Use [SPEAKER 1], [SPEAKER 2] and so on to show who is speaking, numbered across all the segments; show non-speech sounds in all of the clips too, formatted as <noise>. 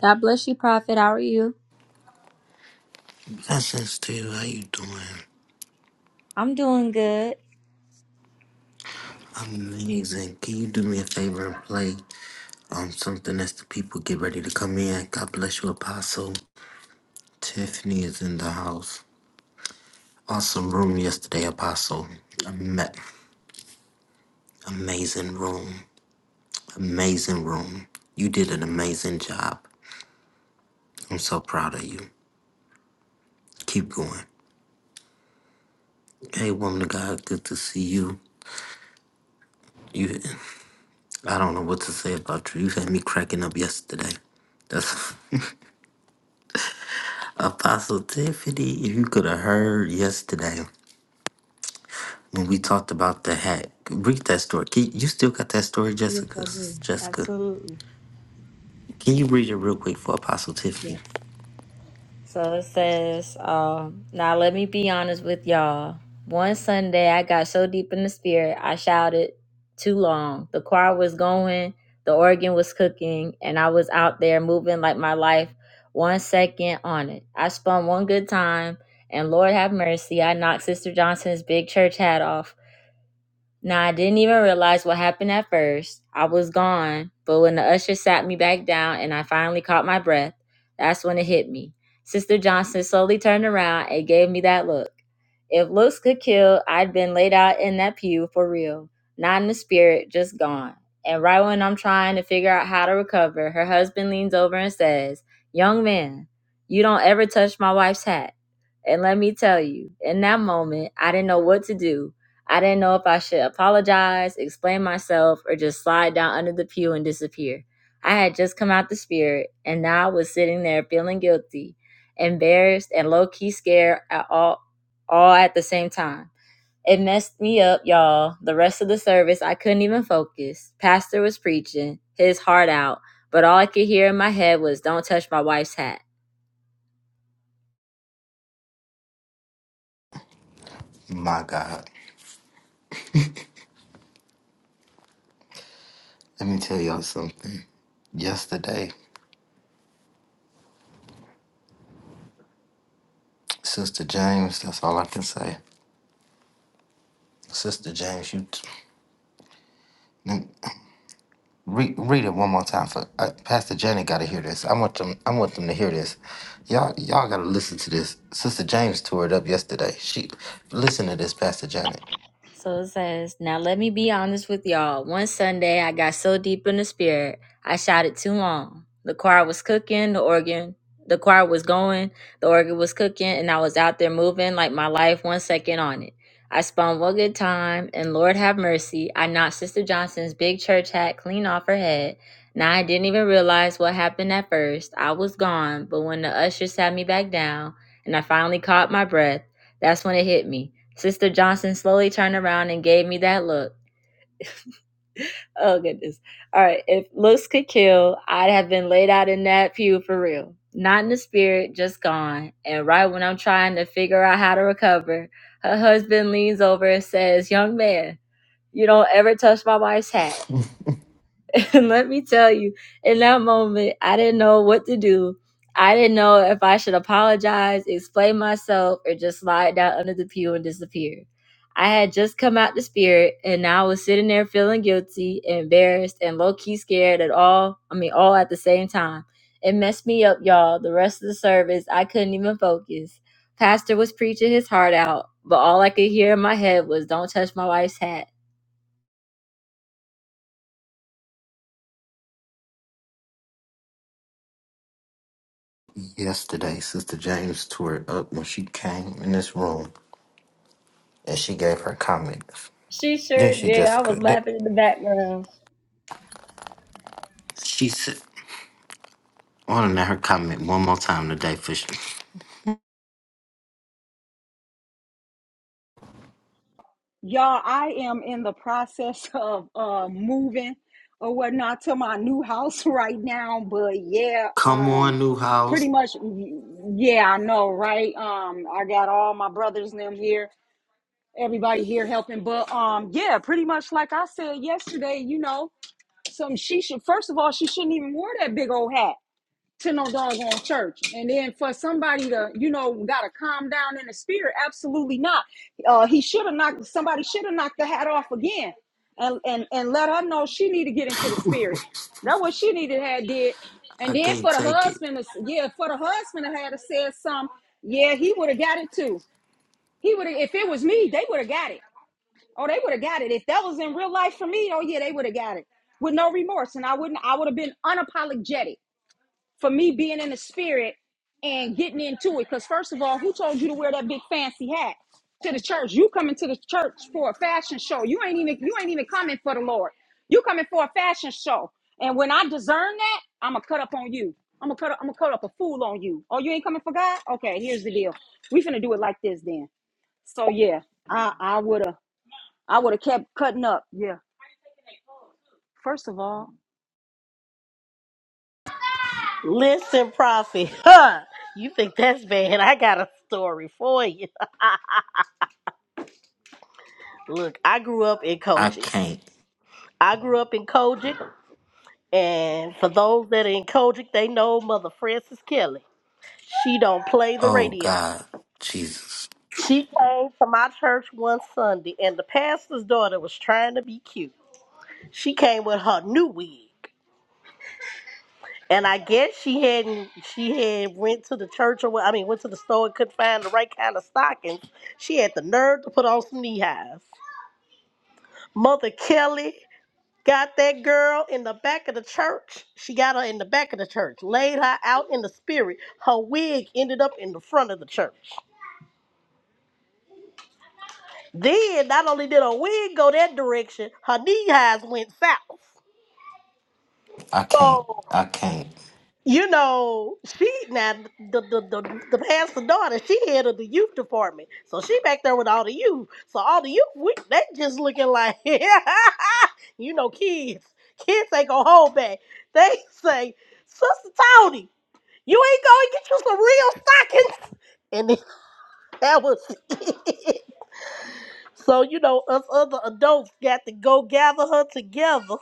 [SPEAKER 1] God bless you, Prophet. How are you?
[SPEAKER 2] I said, Steve, how you doing?
[SPEAKER 1] I'm doing good.
[SPEAKER 2] Amazing. Can you do me a favor and play um something as the people get ready to come in? God bless you, Apostle. Tiffany is in the house. Awesome room yesterday, Apostle. Ama- Amazing room. Amazing room. You did an amazing job. I'm so proud of you. Keep going. Hey, woman of God, good to see you. You, I don't know what to say about you. You had me cracking up yesterday. That's. <laughs> Apostle Tiffany, if you could have heard yesterday when we talked about the hack, read that story. Can, you still got that story,
[SPEAKER 1] Yes,
[SPEAKER 2] Jessica?
[SPEAKER 1] I do.
[SPEAKER 2] Jessica,
[SPEAKER 1] Absolutely.
[SPEAKER 2] can you read it real quick for Apostle Tiffany?
[SPEAKER 1] Yes. So it says, um, now let me be honest with y'all. One Sunday, I got so deep in the spirit, I shouted too long. The choir was going, the organ was cooking, and I was out there moving like my life one second on it. I spun one good time, and Lord have mercy, I knocked Sister Johnson's big church hat off. Now, I didn't even realize what happened at first. I was gone, but when the usher sat me back down and I finally caught my breath, that's when it hit me. Sister Johnson slowly turned around and gave me that look. If looks could kill, I'd been laid out in that pew for real, not in the spirit, just gone. And right when I'm trying to figure out how to recover, her husband leans over and says, Young man, you don't ever touch my wife's hat. And let me tell you, in that moment, I didn't know what to do. I didn't know if I should apologize, explain myself, or just slide down under the pew and disappear. I had just come out the spirit, and now I was sitting there feeling guilty, embarrassed, and low key scared at all, all at the same time. It messed me up, y'all. The rest of the service, I couldn't even focus. Pastor was preaching his heart out, but all I could hear in my head was, Don't touch my wife's hat.
[SPEAKER 2] My God, let me tell y'all something. Yesterday, Sister James, that's all I can say. Sister James, you t- read read it one more time for uh, Pastor Janet. Got to hear this. I want them. I want them to hear this. Y'all, y'all got to listen to this. Sister James tore it up yesterday. She listen to this, Pastor Janet.
[SPEAKER 1] So it says, Now let me be honest with y'all. One Sunday, I got so deep in the spirit, I shouted too long. The choir was cooking, the organ, the choir was going, the organ was cooking, and I was out there moving like my life one second on it. I spun one good time, and Lord have mercy, I knocked Sister Johnson's big church hat clean off her head. Now I didn't even realize what happened at first. I was gone, but when the usher sat me back down and I finally caught my breath, that's when it hit me. Sister Johnson slowly turned around and gave me that look. <laughs> Oh, goodness. All right. If looks could kill, I'd have been laid out in that pew for real. Not in the spirit, just gone. And right when I'm trying to figure out how to recover, her husband leans over and says, Young man, you don't ever touch my wife's hat. <laughs> And let me tell you, in that moment, I didn't know what to do. I didn't know if I should apologize, explain myself, or just slide down under the pew and disappear. I had just come out the spirit, and now I was sitting there feeling guilty, embarrassed, and low key scared at all. I mean, all at the same time. It messed me up, y'all. The rest of the service, I couldn't even focus. Pastor was preaching his heart out, but all I could hear in my head was, Don't touch my wife's hat.
[SPEAKER 2] Yesterday, Sister James tore it up when she came in this room and she gave her comments.
[SPEAKER 1] She
[SPEAKER 2] Then
[SPEAKER 1] sure
[SPEAKER 2] she
[SPEAKER 1] did. I was
[SPEAKER 2] Jessica. Then
[SPEAKER 1] laughing in the background.
[SPEAKER 2] she said, I want to know her comment one more time today, Fisher.
[SPEAKER 3] Y'all, I am in the process <laughs> of uh moving or whatnot to my new house <laughs> right now. But yeah,
[SPEAKER 2] Come
[SPEAKER 3] um
[SPEAKER 2] on, new house.
[SPEAKER 3] pretty much yeah, I know, right? Um I got all my brothers and them here, everybody here helping. But um yeah, pretty much like I said yesterday, you know, some she should first of all, she shouldn't even wear that big old hat to no doggone church. And then for somebody to, you know, gotta calm down in the spirit, absolutely not. Uh he should have knocked somebody should have knocked the hat off again and, and and let her know she need to get into the spirit. That's what she needed to have did.
[SPEAKER 2] I
[SPEAKER 3] And then
[SPEAKER 2] can't
[SPEAKER 3] for the
[SPEAKER 2] take it.
[SPEAKER 3] husband to, yeah, for the husband to have to said something, yeah, he would have got it too. He would have if it was me, they would have got it. Oh, they would have got it. If that was in real life for me, oh yeah, they would have got it. With no remorse. And I wouldn't I would have been unapologetic for me being in the spirit and getting into it. Because first of all, who told you to wear that big fancy hat to the church? You coming to the church for a fashion show. You ain't even you ain't even coming for the Lord. You coming for a fashion show. And when I discern that, I'ma cut up on you. I'm gonna cut up, I'm gonna cut up a fool on you. Oh, you ain't coming for God? Okay, here's the deal. We finna do it like this then. So yeah, I I would have I would have kept cutting up. Yeah. First of all,
[SPEAKER 4] Listen, Prophet, <laughs> huh? You think that's bad? I got a story for you. <laughs> Look, I grew up in
[SPEAKER 2] I
[SPEAKER 4] Kojic.
[SPEAKER 2] can't.
[SPEAKER 4] I grew up in Kojic, and for those that are in Kojic, they know Mother Frances Kelly. She don't play the
[SPEAKER 2] Oh,
[SPEAKER 4] radio.
[SPEAKER 2] God. Jesus.
[SPEAKER 4] She came to my church one Sunday, and the pastor's daughter was trying to be cute. She came with her new wig. And I guess she hadn't she had went to the church or what I mean went to the store and couldn't find the right kind of stockings. She had the nerve to put on some knee highs. Mother Kelly got that girl in the back of the church. She got her in the back of the church, laid her out in the spirit. Her wig ended up in the front of the church. Then not only did her wig go that direction, her knee highs went south.
[SPEAKER 2] I can't.
[SPEAKER 4] So.
[SPEAKER 2] I can't.
[SPEAKER 4] you know, she now the the the, the pastor daughter, she head of the youth department, so she back there with all the youth. So all the youth, we, they just looking like, <laughs> you know, kids, kids ain't gonna hold back. They say, Sister Tony, you ain't gonna get you some real stockings, and then <laughs> that was it. So you know, us other adults got to go gather her together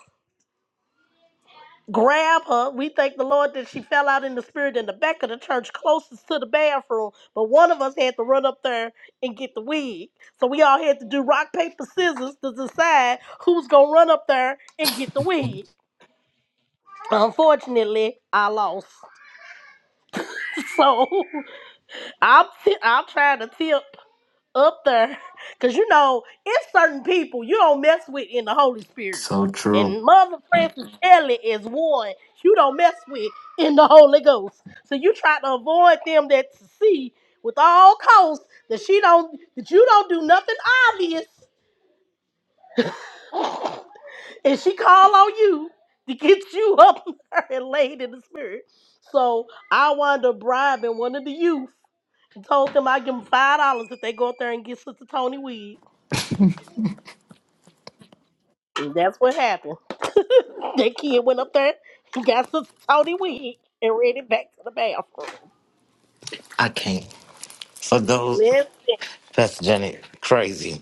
[SPEAKER 4] grab her. We thank the Lord that she fell out in the spirit in the back of the church closest to the bathroom. But one of us had to run up there and get the wig. So we all had to do rock, paper, scissors to decide who's going to run up there and get the wig. Unfortunately, I lost. <laughs> So <laughs> I'm, t- I'm trying to tip. up there <laughs> because you know it's certain people you don't mess with in the Holy Spirit.
[SPEAKER 2] So true.
[SPEAKER 4] And Mother Francis Shelley is one you don't mess with in the Holy Ghost. So you try to avoid them that to see with all costs that she don't that you don't do nothing obvious and she call on you to get you up <laughs> there and laid in the spirit. So I wound up bribing one of the youth and told them i give them five dollars if they go up there and get Sister Tony weed. And that's what happened. <laughs> That kid went up there and got some Tony wig and ran it back to the bathroom.
[SPEAKER 2] I can't. For those,
[SPEAKER 4] Listen,
[SPEAKER 2] Pastor Janet, crazy.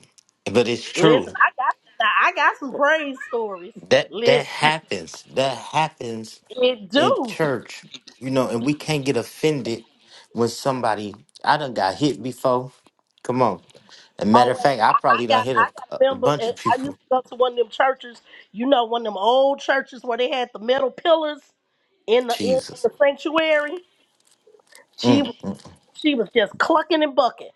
[SPEAKER 2] But it's
[SPEAKER 4] listen,
[SPEAKER 2] true.
[SPEAKER 4] I got now I got some praise stories.
[SPEAKER 2] That that
[SPEAKER 4] Listen,
[SPEAKER 2] happens. That happens
[SPEAKER 4] <laughs> it
[SPEAKER 2] at
[SPEAKER 4] do.
[SPEAKER 2] church, you know, and we can't get offended when somebody I done got hit before. Come on. And matter
[SPEAKER 4] Oh
[SPEAKER 2] of
[SPEAKER 4] wait,
[SPEAKER 2] fact, I
[SPEAKER 4] I, I
[SPEAKER 2] probably done
[SPEAKER 4] got
[SPEAKER 2] hit
[SPEAKER 4] I
[SPEAKER 2] a,
[SPEAKER 4] got a
[SPEAKER 2] a
[SPEAKER 4] member.
[SPEAKER 2] bunch
[SPEAKER 4] and
[SPEAKER 2] of
[SPEAKER 4] I used
[SPEAKER 2] people.
[SPEAKER 4] to go to one of them churches. You know, one of them old churches where they had the metal pillars in the in, in
[SPEAKER 2] Jesus.
[SPEAKER 4] the sanctuary. She was
[SPEAKER 2] Mm.
[SPEAKER 4] She was just clucking and bucking,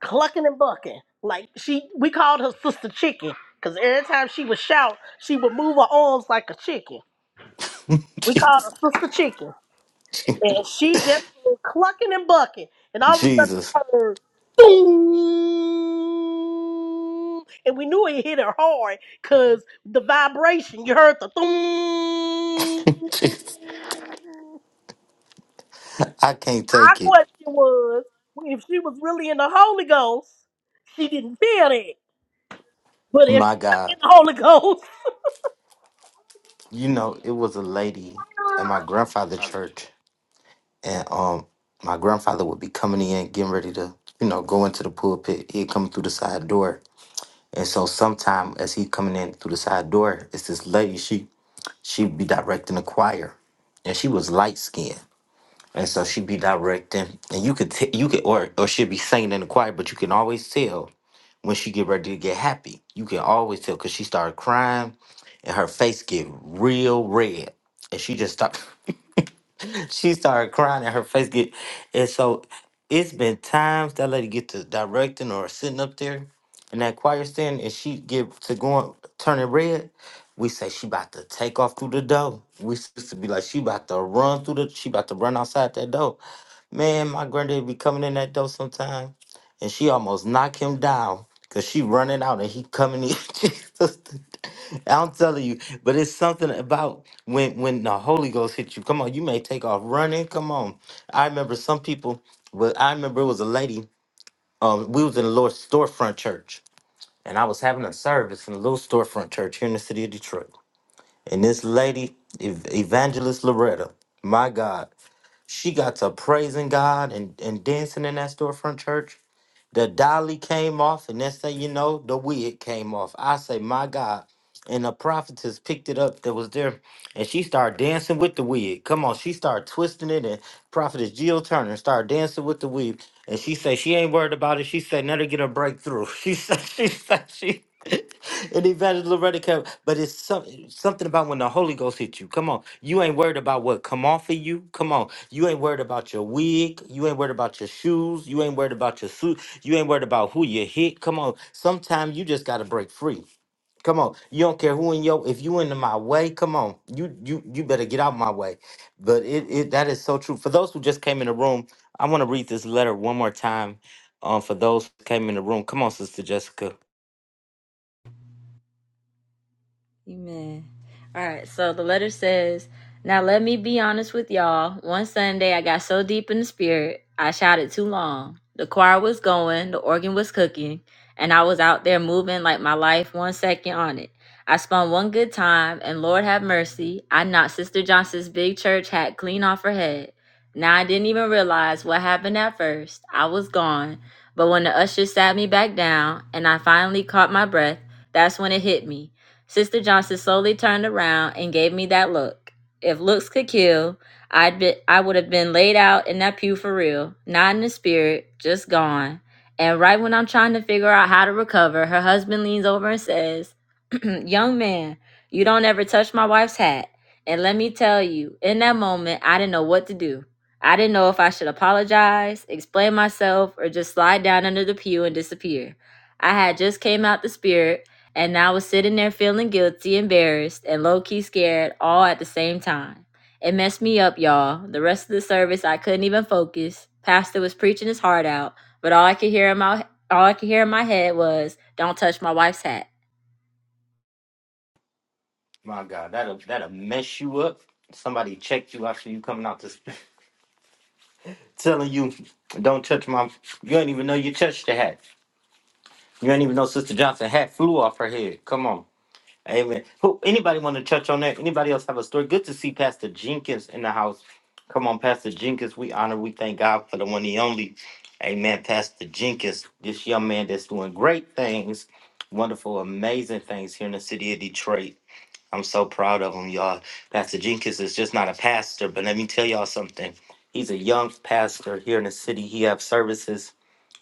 [SPEAKER 4] clucking and bucking. Like she, we called her Sister Chicken, cause every time she would shout, she would move her arms like a chicken.
[SPEAKER 2] <laughs>
[SPEAKER 4] We called her
[SPEAKER 2] Jesus.
[SPEAKER 4] Sister Chicken, and she just was clucking and bucking. And all of a sudden, we
[SPEAKER 2] Jesus.
[SPEAKER 4] heard boom, and we knew it hit her hard, cause the vibration. You heard the boom.
[SPEAKER 2] <laughs> Jesus. I can't
[SPEAKER 4] Our
[SPEAKER 2] take it.
[SPEAKER 4] question was, if she was really in the Holy Ghost, she didn't feel it. But if
[SPEAKER 2] My
[SPEAKER 4] she wasn't
[SPEAKER 2] God.
[SPEAKER 4] in the Holy Ghost,
[SPEAKER 2] You know, it was a lady at my grandfather church. And um my grandfather would be coming in, getting ready to, you know, go into the pulpit. He'd come through the side door. And so sometime as he coming in through the side door, it's this lady, she she be directing the choir. And she was light skinned. And so she be directing and you could t- you could or or she'd be singing in the choir, but you can always tell when she get ready to get happy. You can always tell cause she started crying and her face get real red. And she just stopped <laughs> <laughs> she started crying and her face get and so it's been times that lady get to directing or sitting up there in that choir stand and she get to going turning red. We say she about to take off through the door. We used to be like she about to run through the she about to run outside that door. Man, my granddaddy be coming in that door sometime, and she almost knock him down because she running out and he coming in. <laughs> Jesus. I'm telling you, but it's something about when when the Holy Ghost hit you. Come on, you may take off running. Come on, I remember some people. But I remember it was a lady. Um, we was in the Lord's storefront church, and I was having a service in a little storefront church here in the city of Detroit. And this lady, Ev- Evangelist Loretta, my God, she got to praising God and, and dancing in that storefront church. The dolly came off, and next thing you know, the wig came off. I say, my God. And the prophetess picked it up that was there, and she started dancing with the wig. Come on, she started twisting it, and prophetess Jill Turner started dancing with the wig. And she said she ain't worried about it. She said, let her get a breakthrough. <laughs> She said, she said, she. <laughs> and Evangelist Loretta came. But it's some, something about when the Holy Ghost hit you. Come on. You ain't worried about what come off of you. Come on. You ain't worried about your wig. You ain't worried about your shoes. You ain't worried about your suit. You ain't worried about who you hit. Come on. Sometimes you just gotta break free. Come on. You don't care who in your if you into my way, come on. You you you better get out my way. But it, it that is so true. For those who just came in the room, I want to read this letter one more time. Um for those who came in the room. Come on, Sister Jessica.
[SPEAKER 1] Amen. All right, so the letter says, Now let me be honest with y'all. One Sunday, I got so deep in the spirit, I shouted too long. The choir was going, the organ was cooking, and I was out there moving like my life one second on it. I spun one good time, and Lord have mercy, I knocked Sister Johnson's big church hat clean off her head. Now I didn't even realize what happened at first. I was gone. But when the usher sat me back down and I finally caught my breath, that's when it hit me. Sister Johnson slowly turned around and gave me that look. If looks could kill, I'd be, I would have been laid out in that pew for real, not in the spirit, just gone. And right when I'm trying to figure out how to recover, her husband leans over and says, <clears throat> "Young man, you don't ever touch my wife's hat." And let me tell you, in that moment, I didn't know what to do. I didn't know if I should apologize, explain myself, or just slide down under the pew and disappear. I had just came out the spirit and I was sitting there feeling guilty, embarrassed, and low key scared all at the same time. It messed me up, y'all. The rest of the service, I couldn't even focus. Pastor was preaching his heart out, but all I could hear in my all I could hear in my head was, "Don't touch my wife's hat."
[SPEAKER 2] My God, that'll that'll mess you up. Somebody checked you after you coming out this <laughs> telling you don't touch my you ain't even know you touched the hat. You ain't even know Sister Johnson hat flew off her head. Come on. Amen. Who anybody want to touch on that? Anybody else have a story? Good to see Pastor Jenkins in the house. Come on, Pastor Jenkins. We honor, we thank God for the one, the only. Amen. Pastor Jenkins, this young man that's doing great things, wonderful, amazing things here in the city of Detroit. I'm so proud of him, y'all. Pastor Jenkins is just not a pastor, but let me tell y'all something. He's a young pastor here in the city. He have services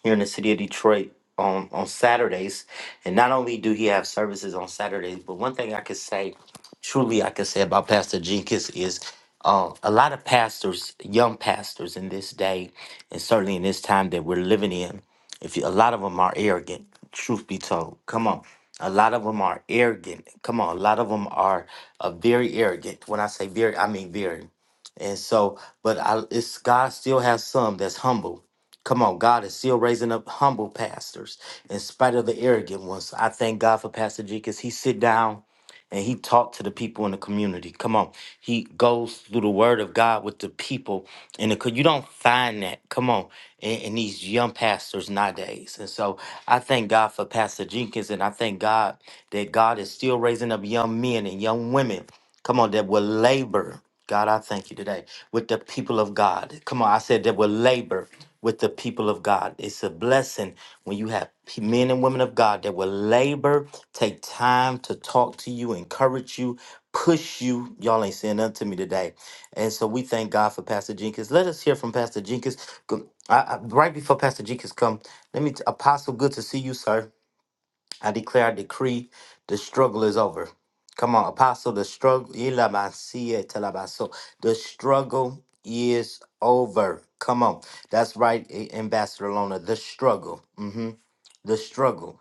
[SPEAKER 2] here in the city of Detroit on on Saturdays. And not only do he have services on Saturdays, but one thing I could say, truly I could say about Pastor Jenkins is uh, a lot of pastors, young pastors in this day, and certainly in this time that we're living in, if you, a lot of them are arrogant. Truth be told, come on. A lot of them are arrogant. Come on, a lot of them are uh, very arrogant. When I say very, I mean very. And so, but I, it's God still has some that's humble Come on, God is still raising up humble pastors in spite of the arrogant ones. I thank God for Pastor G because he sit down and he talked to the people in the community. Come on. He goes through the word of God with the people in the co- you don't find that. Come on. In, in these young pastors nowadays. And so I thank God for Pastor Jenkins and I thank God that God is still raising up young men and young women. Come on, that will labor. God, I thank you today with the people of God. Come on, I said that will labor with the people of God. It's a blessing when you have p- men and women of God that will labor, take time to talk to you, encourage you, push you. Y'all ain't saying nothing to me today. And so we thank God for Pastor Jenkins. Let us hear from Pastor Jenkins. Go- I, I- right before Pastor Jenkins come, let me, t- Apostle, good to see you, sir. I declare, I decree, the struggle is over. Come on, apostle, the struggle, Ilamasia Telabaso. The struggle is over. Come on. That's right, A- Ambassador Lona. The struggle. Mm-hmm the struggle.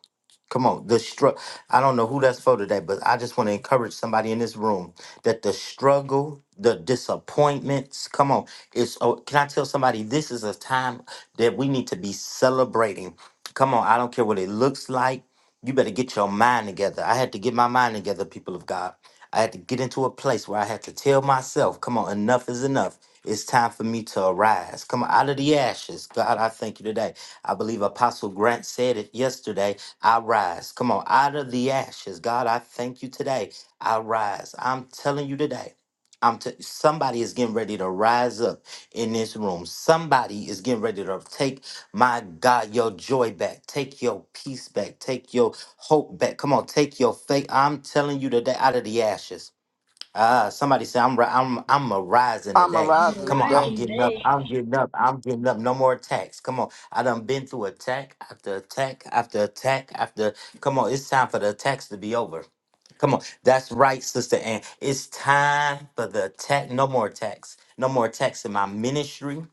[SPEAKER 2] Come on, the struggle. I don't know who that's for today, but I just want to encourage somebody in this room that the struggle, the disappointments, come on. It's oh, can I tell somebody this is a time that we need to be celebrating. Come on, I don't care what it looks like. You better get your mind together. I had to get my mind together, people of God. I had to get into a place where I had to tell myself, come on, enough is enough. It's time for me to arise. Come on, out of the ashes. God, I thank you today. I believe Apostle Grant said it yesterday. I rise. Come on, out of the ashes. God, I thank you today. I rise. I'm telling you today. I'm t- somebody is getting ready to rise up in this room. Somebody is getting ready to take my God your joy back, take your peace back, take your hope back. Come on, take your faith. I'm telling you today, out of the ashes. Ah, somebody say I'm ri- I'm I'm a rising
[SPEAKER 5] I'm
[SPEAKER 2] today.
[SPEAKER 5] arising
[SPEAKER 2] Come on, I'm
[SPEAKER 5] today.
[SPEAKER 2] getting up.
[SPEAKER 1] Today,
[SPEAKER 2] I'm getting up. I'm getting up. No more attacks. Come on, I done been through attack after attack after attack after. Come on, it's time for the attacks to be over. Come on. That's right, Sister Ann. It's time for the tech. No more text. No more text in my ministry.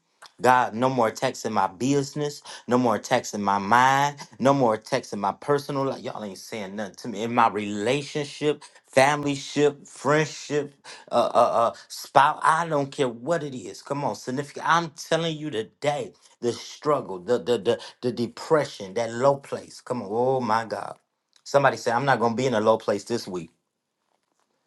[SPEAKER 2] God, no more text in my business. No more text in my mind. No more text in my personal life. Y'all ain't saying nothing to me. In my relationship, family ship, friendship, uh, uh, uh, spouse. I don't care what it is. Come on, significant. I'm telling you today, the struggle, the the the, the depression, that low place. Come on. Oh my God. Somebody say, I'm not gonna be in a low place this week.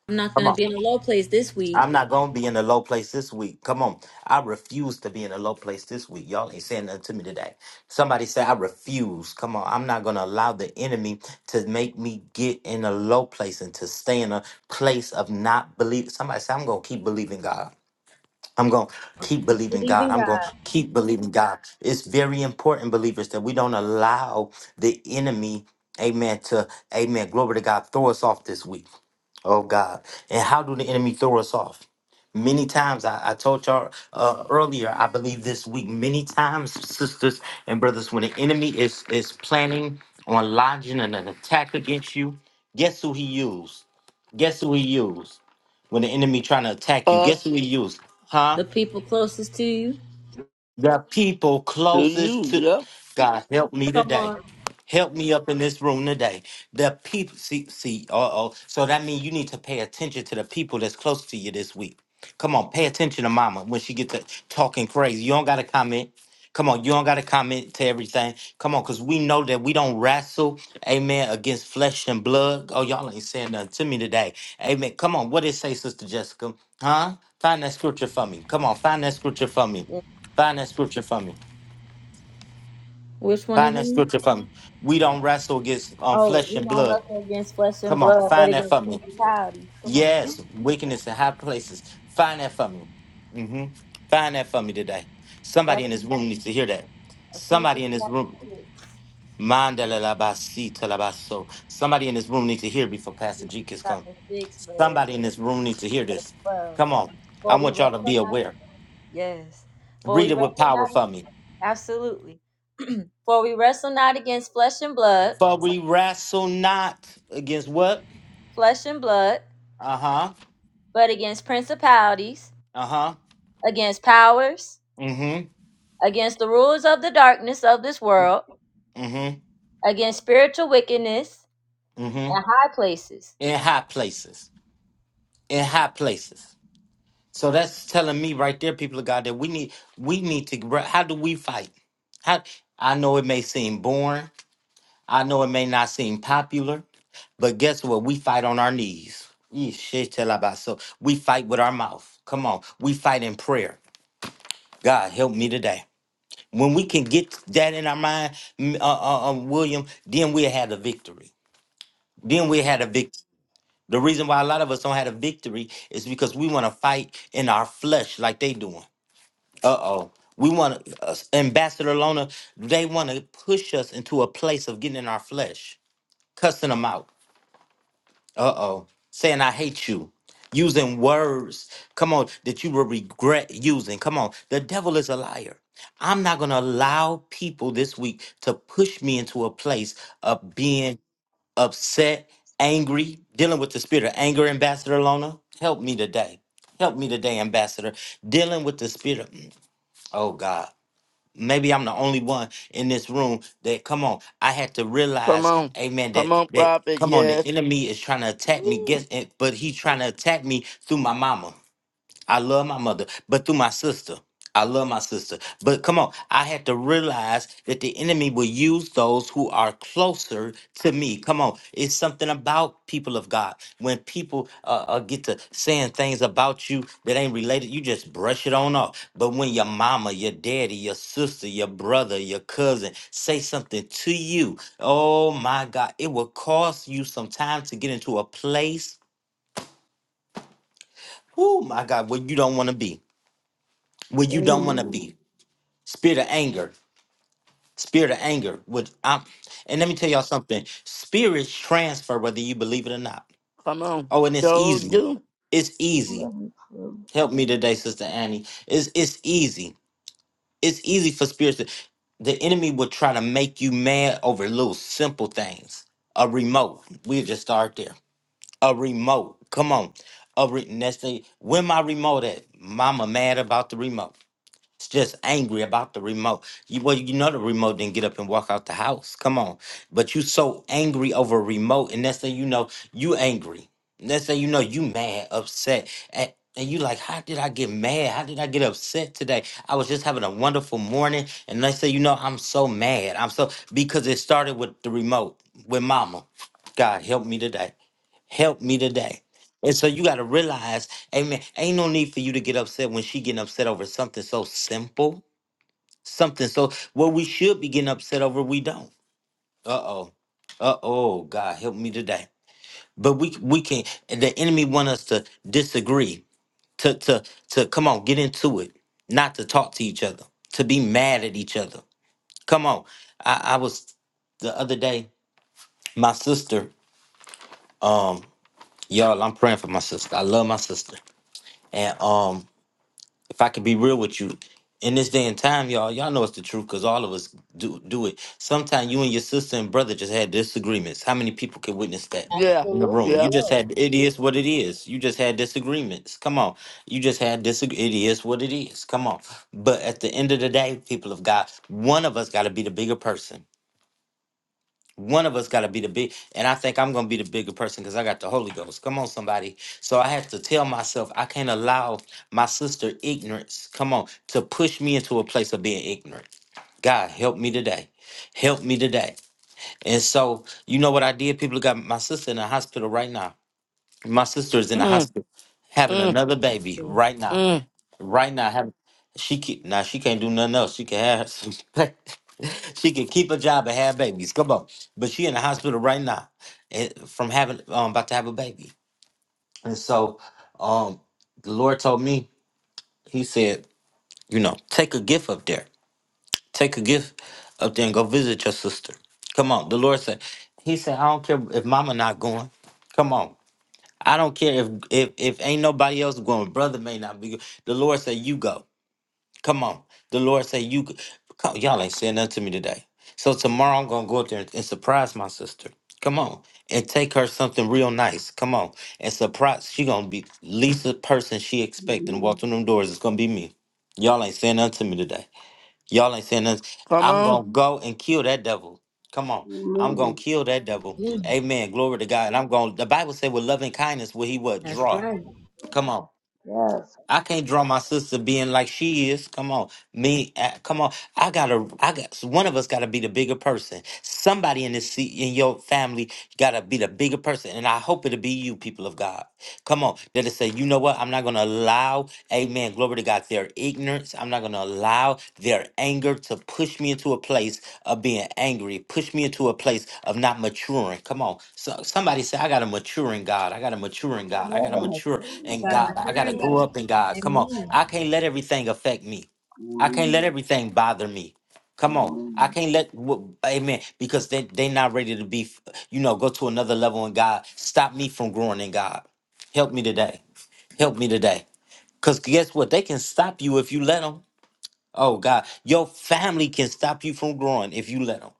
[SPEAKER 1] I'm not
[SPEAKER 2] Come
[SPEAKER 1] gonna
[SPEAKER 2] on.
[SPEAKER 1] be in a low place this
[SPEAKER 2] I'm
[SPEAKER 1] week.
[SPEAKER 2] not gonna be in a low place this week. Come on. I refuse to be in a low place this week. Y'all ain't saying nothing to me today. Somebody say I refuse. Come on. I'm not gonna allow the enemy to make me get in a low place and to stay in a place of not believing. Somebody say I'm gonna keep believing God. I'm gonna keep believing God. I'm gonna keep believing God. It's very important, believers, that we don't allow the enemy, amen, to amen. Glory to God, throw us off this week. Oh God. And how do the enemy throw us off? Many times, I, I told y'all uh, earlier, I believe this week, many times, sisters and brothers, when the enemy is, is planning on lodging an, an attack against you, guess who he used? Guess who he used? When the enemy trying to attack you, guess
[SPEAKER 5] Us
[SPEAKER 2] who he used? Huh?
[SPEAKER 1] The people closest to you.
[SPEAKER 2] The people
[SPEAKER 5] to you,
[SPEAKER 2] closest to
[SPEAKER 5] yep.
[SPEAKER 2] God, help me today. Help me up in this room today. The people, see, see, uh oh. So that means you need to pay attention to the people that's close to you this week. Come on, pay attention to mama when she gets to talking crazy. You don't got to comment. Come on, you don't got to comment to everything. Come on, because we know that we don't wrestle, amen, against flesh and blood. Oh, y'all ain't saying nothing to me today. Amen. Come on, what did it say, Sister Jessica? Huh? Find that scripture for me. Come on, find that scripture for me. Find that scripture for me.
[SPEAKER 1] Which one
[SPEAKER 2] Find that
[SPEAKER 1] again?
[SPEAKER 2] scripture for me. We don't wrestle against um,
[SPEAKER 1] Oh,
[SPEAKER 2] flesh
[SPEAKER 1] we
[SPEAKER 2] and
[SPEAKER 1] don't
[SPEAKER 2] blood.
[SPEAKER 1] wrestle against flesh and
[SPEAKER 2] Come on,
[SPEAKER 1] blood, but
[SPEAKER 2] find that for
[SPEAKER 1] against
[SPEAKER 2] me.
[SPEAKER 1] principalities. Come
[SPEAKER 2] Yes,
[SPEAKER 1] on,
[SPEAKER 2] wickedness in high places. Find that for me. hmm Find that for me today.
[SPEAKER 1] that's
[SPEAKER 2] Somebody in this room needs to hear that.
[SPEAKER 1] Ephesians
[SPEAKER 2] Somebody in this
[SPEAKER 1] chapter
[SPEAKER 2] room.
[SPEAKER 1] six,
[SPEAKER 2] Mandala la ba si ta la ba so. Somebody in this room needs to hear before Pastor
[SPEAKER 1] Ephesians
[SPEAKER 2] G has come.
[SPEAKER 1] chapter six, verse
[SPEAKER 2] Somebody in this room needs to hear this.
[SPEAKER 1] Well,
[SPEAKER 2] Come on. I
[SPEAKER 1] for we
[SPEAKER 2] want y'all to
[SPEAKER 1] wrestle
[SPEAKER 2] be
[SPEAKER 1] not
[SPEAKER 2] aware.
[SPEAKER 1] yes, for
[SPEAKER 2] Read
[SPEAKER 1] we
[SPEAKER 2] it with
[SPEAKER 1] wrestle
[SPEAKER 2] power
[SPEAKER 1] not
[SPEAKER 2] for me.
[SPEAKER 1] absolutely. For we wrestle not against flesh and blood,
[SPEAKER 2] For we wrestle not against what?
[SPEAKER 1] flesh and blood,
[SPEAKER 2] Uh huh.
[SPEAKER 1] but against principalities,
[SPEAKER 2] Uh huh.
[SPEAKER 1] against powers,
[SPEAKER 2] Mm hmm.
[SPEAKER 1] against the rulers of the darkness of this world,
[SPEAKER 2] Mm hmm.
[SPEAKER 1] against spiritual wickedness
[SPEAKER 2] Mm
[SPEAKER 1] in
[SPEAKER 2] hmm.
[SPEAKER 1] high places.
[SPEAKER 2] In high places. In high places. So that's telling me right there, people of God, that we need we need to. re- How do we fight? How I know it may seem boring. I know it may not seem popular, but guess what? We fight on our knees. Yee, Shit, tell about so we fight with our mouth. Come on, we fight in prayer. God help me today. When we can get that in our mind, m- uh, uh, uh, William, then we had a victory. Then we had a victory. The reason why a lot of us don't have a victory is because we want to fight in our flesh like they doing. Uh oh. We want to, uh, Ambassador Lona, they want to push us into a place of getting in our flesh, cussing them out. Uh oh. Saying, I hate you. Using words, come on, that you will regret using. Come on. The devil is a liar. I'm not going to allow people this week to push me into a place of being upset, angry, dealing with the spirit of anger, Ambassador Lona. Help me today. Help me today, Ambassador. Dealing with the spirit of, mm, oh God. Maybe I'm the only one in this room that come on. I had to
[SPEAKER 5] Come
[SPEAKER 2] realize,
[SPEAKER 5] on.
[SPEAKER 2] amen,
[SPEAKER 5] Come
[SPEAKER 2] that
[SPEAKER 5] on,
[SPEAKER 2] that
[SPEAKER 5] prophet,
[SPEAKER 2] come on, the
[SPEAKER 5] yes.
[SPEAKER 2] enemy is trying to attack me.
[SPEAKER 5] Woo.
[SPEAKER 2] Guess it, but he's trying to attack me through my mama. I love my mother, but through my sister. I love my sister. But come on, I had to realize that the enemy will use those who are closer to me. Come on, it's something about people of God. When people uh, uh, get to saying things about you that ain't related, you just brush it on off. But when your mama, your daddy, your sister, your brother, your cousin say something to you, oh my God, it will cost you some time to get into a place, oh my God, where you don't want to be. where you don't want to
[SPEAKER 6] Amen.
[SPEAKER 2] be. Spirit of anger, spirit of anger. Which I'm, and let me tell y'all something. Spirits transfer whether you believe it or not.
[SPEAKER 5] Come on.
[SPEAKER 2] Oh, and it's
[SPEAKER 5] So
[SPEAKER 2] easy.
[SPEAKER 5] do.
[SPEAKER 2] It's easy.
[SPEAKER 6] Very true.
[SPEAKER 2] Help me today, Sister Annie. It's it's easy. It's easy for spirits. To, the enemy will try to make you mad over little simple things. A remote. We just start there. A remote. Come on. A re- next thing. When my remote at? Mama mad about the remote. It's just angry about the remote. You well, you know the remote didn't get up and walk out the house. Come on. But you so angry over a remote, and next thing you know, you angry. Next thing you know, you mad, upset. And, and you like, how did I get mad? How did I get upset today? I was just having a wonderful morning. And next thing you know, I'm so mad. I'm so because it started with the remote, with mama. God help me today help me today. And so you got to realize, amen, ain't no need for you to get upset when she getting upset over something so simple, something so what we should be getting upset over, we don't. Uh-oh. Uh-oh, God, help me today. But we we can the enemy want us to disagree, to to to come on, get into it, not to talk to each other, to be mad at each other. Come on. I, I was the other day, my sister, um, y'all, I'm praying for my sister. I love my sister. And um if I could be real with you, in this day and time, y'all, y'all know it's the truth because all of us do do it. Sometimes you and your sister and brother just had disagreements. How many people can witness that
[SPEAKER 5] Yeah,
[SPEAKER 2] in the room?
[SPEAKER 1] Absolutely,
[SPEAKER 2] You
[SPEAKER 5] yeah.
[SPEAKER 2] just
[SPEAKER 1] yes.
[SPEAKER 2] had it is what it is. You just had disagreements. Come on, you just had disagre. It is what it is. Come on. But at the end of the day, people of God, one of us got to be the bigger person. One of us got to be the big, and I think I'm going to be the bigger person because I got the Holy Ghost. Come on, somebody. So I have to tell myself I can't allow my sister ignorance, come on, to push me into a place of being ignorant. God, help me today. Help me today. And so, you know what I did? People got my sister in the hospital right now. My sister is in the
[SPEAKER 5] Mm,
[SPEAKER 2] hospital having
[SPEAKER 5] mm,
[SPEAKER 2] another baby
[SPEAKER 1] Yes.
[SPEAKER 2] right now.
[SPEAKER 5] mm.
[SPEAKER 2] Right now, having she can, now she can't do nothing else. She can have some. <laughs> she can keep a job and have babies. Come on, but she in the hospital right now eh, from having um about to have a baby. And so, um, the Lord told me, He said, you know, take a gift up there, take a gift up there and go visit your sister. Come on, the Lord said, He said, I don't care if Mama not going. Come on, I don't care if if if ain't nobody else going. Brother may not be. go- The Lord said, you go. Come on. The Lord say you could- come, y'all ain't saying nothing to me today. So tomorrow I'm gonna go up there and, and surprise my sister. Come on. And take her something real nice. Come on. And surprise she gonna be least the person she expecting walk
[SPEAKER 6] Amen.
[SPEAKER 2] through them doors. It's gonna be me. Y'all ain't saying nothing to me today. Y'all ain't saying nothing.
[SPEAKER 5] Come
[SPEAKER 2] I'm
[SPEAKER 5] on.
[SPEAKER 2] gonna go and kill that devil. Come on. I'm gonna
[SPEAKER 6] Amen.
[SPEAKER 2] kill that devil.
[SPEAKER 1] Mm,
[SPEAKER 2] Amen. Glory to God. And I'm gonna the Bible say with loving kindness will he what
[SPEAKER 1] that's
[SPEAKER 2] draw.
[SPEAKER 1] right.
[SPEAKER 2] Come on.
[SPEAKER 6] Yes.
[SPEAKER 2] I can't draw my sister being like she is. Come on, me. uh, Come on. I gotta. I got. One of us gotta be the bigger person. Somebody in this seat in your family gotta be the bigger person, and I hope it'll be you, people of God. Come on. That is say, you know what? I'm not going to allow, amen, glory to God, their ignorance. I'm not going to allow their anger to push me into a place of being angry, push me into a place of not maturing. Come on. So somebody say, I got to mature in God. I got to mature in God. I
[SPEAKER 6] Oh,
[SPEAKER 2] got to
[SPEAKER 6] heaven, it's
[SPEAKER 2] mature
[SPEAKER 6] truly
[SPEAKER 2] in
[SPEAKER 1] Got my
[SPEAKER 2] God.
[SPEAKER 6] God.
[SPEAKER 2] I got to
[SPEAKER 1] turn
[SPEAKER 6] Yes.
[SPEAKER 2] grow
[SPEAKER 1] down.
[SPEAKER 2] up in God. Come on.
[SPEAKER 1] Amen.
[SPEAKER 2] I can't let everything affect me. I can't let everything bother me. Come on. I
[SPEAKER 6] Amen.
[SPEAKER 2] can't let, wh- amen, because they, they not ready to be, you know, go to another level in God. Stop me from growing in God. Help me today. Help me today. Because guess what? They can stop you if you let them. Oh, God. Your family can stop you from growing if you let them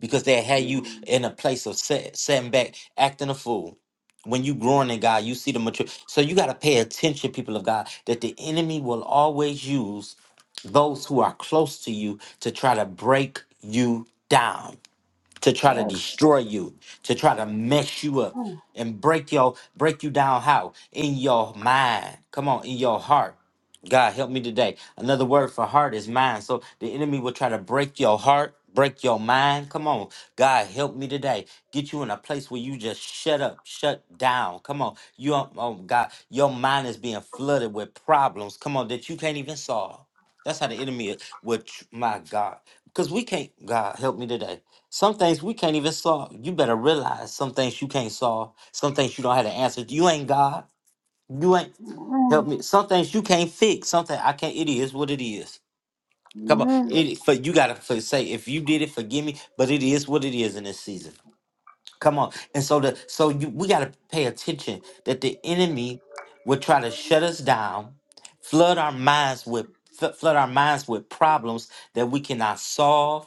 [SPEAKER 2] because they had you
[SPEAKER 6] Amen. Amen.
[SPEAKER 2] in a place of set, setting back, acting a fool. When you growing in God, you see the mature. So you got to pay attention, people of God, that the enemy will always use those who are close to you to try to break you down to try to
[SPEAKER 6] Yes.
[SPEAKER 2] destroy you, to try to mess you up
[SPEAKER 6] Amen.
[SPEAKER 2] and break your break you down how in your mind. Come on, in your heart. God help me today. Another word for heart is mind. So the enemy will try to break your heart, break your mind. Come on. God help me today. Get you in a place where you just shut up, shut down. Come on. You don't- oh God, your mind is being flooded with problems. Come on, that you can't even solve. That's how the enemy is- would my God. Because we can't, God help me today. Some things we can't even solve. You better realize some things you can't solve. Some things you don't have the answer. You ain't God. You ain't
[SPEAKER 6] Amen.
[SPEAKER 2] help me. Some things you can't fix. Something I can't. It is what it is. Come on,
[SPEAKER 6] Amen.
[SPEAKER 2] it for you gotta for, say if you did it, forgive me. But it is what it is in this season. Come on. And so the so you we gotta pay attention that the enemy will try to shut us down, flood our minds with fl- flood our minds with problems that we cannot solve.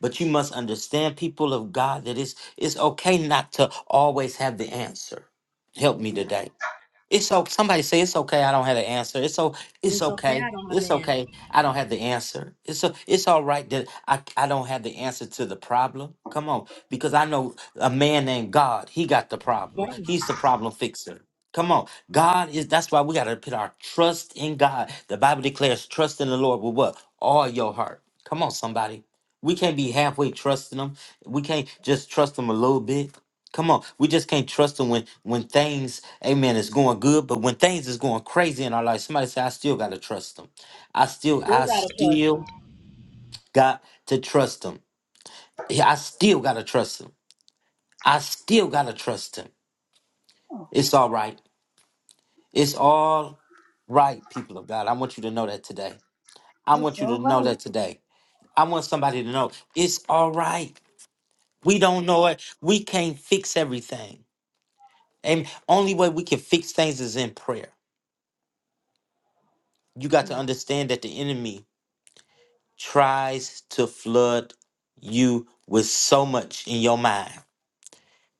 [SPEAKER 2] But you must understand, people of God, that it's it's okay not to always have the answer. Help me today. It's okay. Somebody say it's okay. I don't have the answer. It's so. It's
[SPEAKER 1] It's okay.
[SPEAKER 2] okay.
[SPEAKER 1] I don't have the
[SPEAKER 2] It's
[SPEAKER 1] answer.
[SPEAKER 2] okay. I don't have the answer. It's a, It's all right that I I don't have the answer to the problem. Come on, because I know a man named God. He got the
[SPEAKER 1] But
[SPEAKER 2] problem.
[SPEAKER 1] I
[SPEAKER 2] He's the problem fixer. Come on, God is. That's why we got to put our trust in God. The Bible declares, "Trust in the Lord with what all your heart." Come on, somebody. We can't be halfway trusting Him. We can't just trust Him a little bit. Come on, we just can't trust him when when things, amen, is going good, but when things is going crazy in our life, somebody say, I still gotta trust him. I still,
[SPEAKER 1] Still
[SPEAKER 2] I
[SPEAKER 1] got a custom.
[SPEAKER 2] still got to trust him. Yeah, I still gotta trust him. I still gotta trust him.
[SPEAKER 6] Oh,
[SPEAKER 2] It's all right. It's all right, people of God. I want you to know that today. I
[SPEAKER 6] it's
[SPEAKER 2] want you
[SPEAKER 6] all
[SPEAKER 2] to know
[SPEAKER 6] right.
[SPEAKER 2] that today. I want somebody to know it's all right. We don't know it. We can't fix everything. And only way we can fix things is in prayer. you got to understand that the enemy tries to flood you with so much in your mind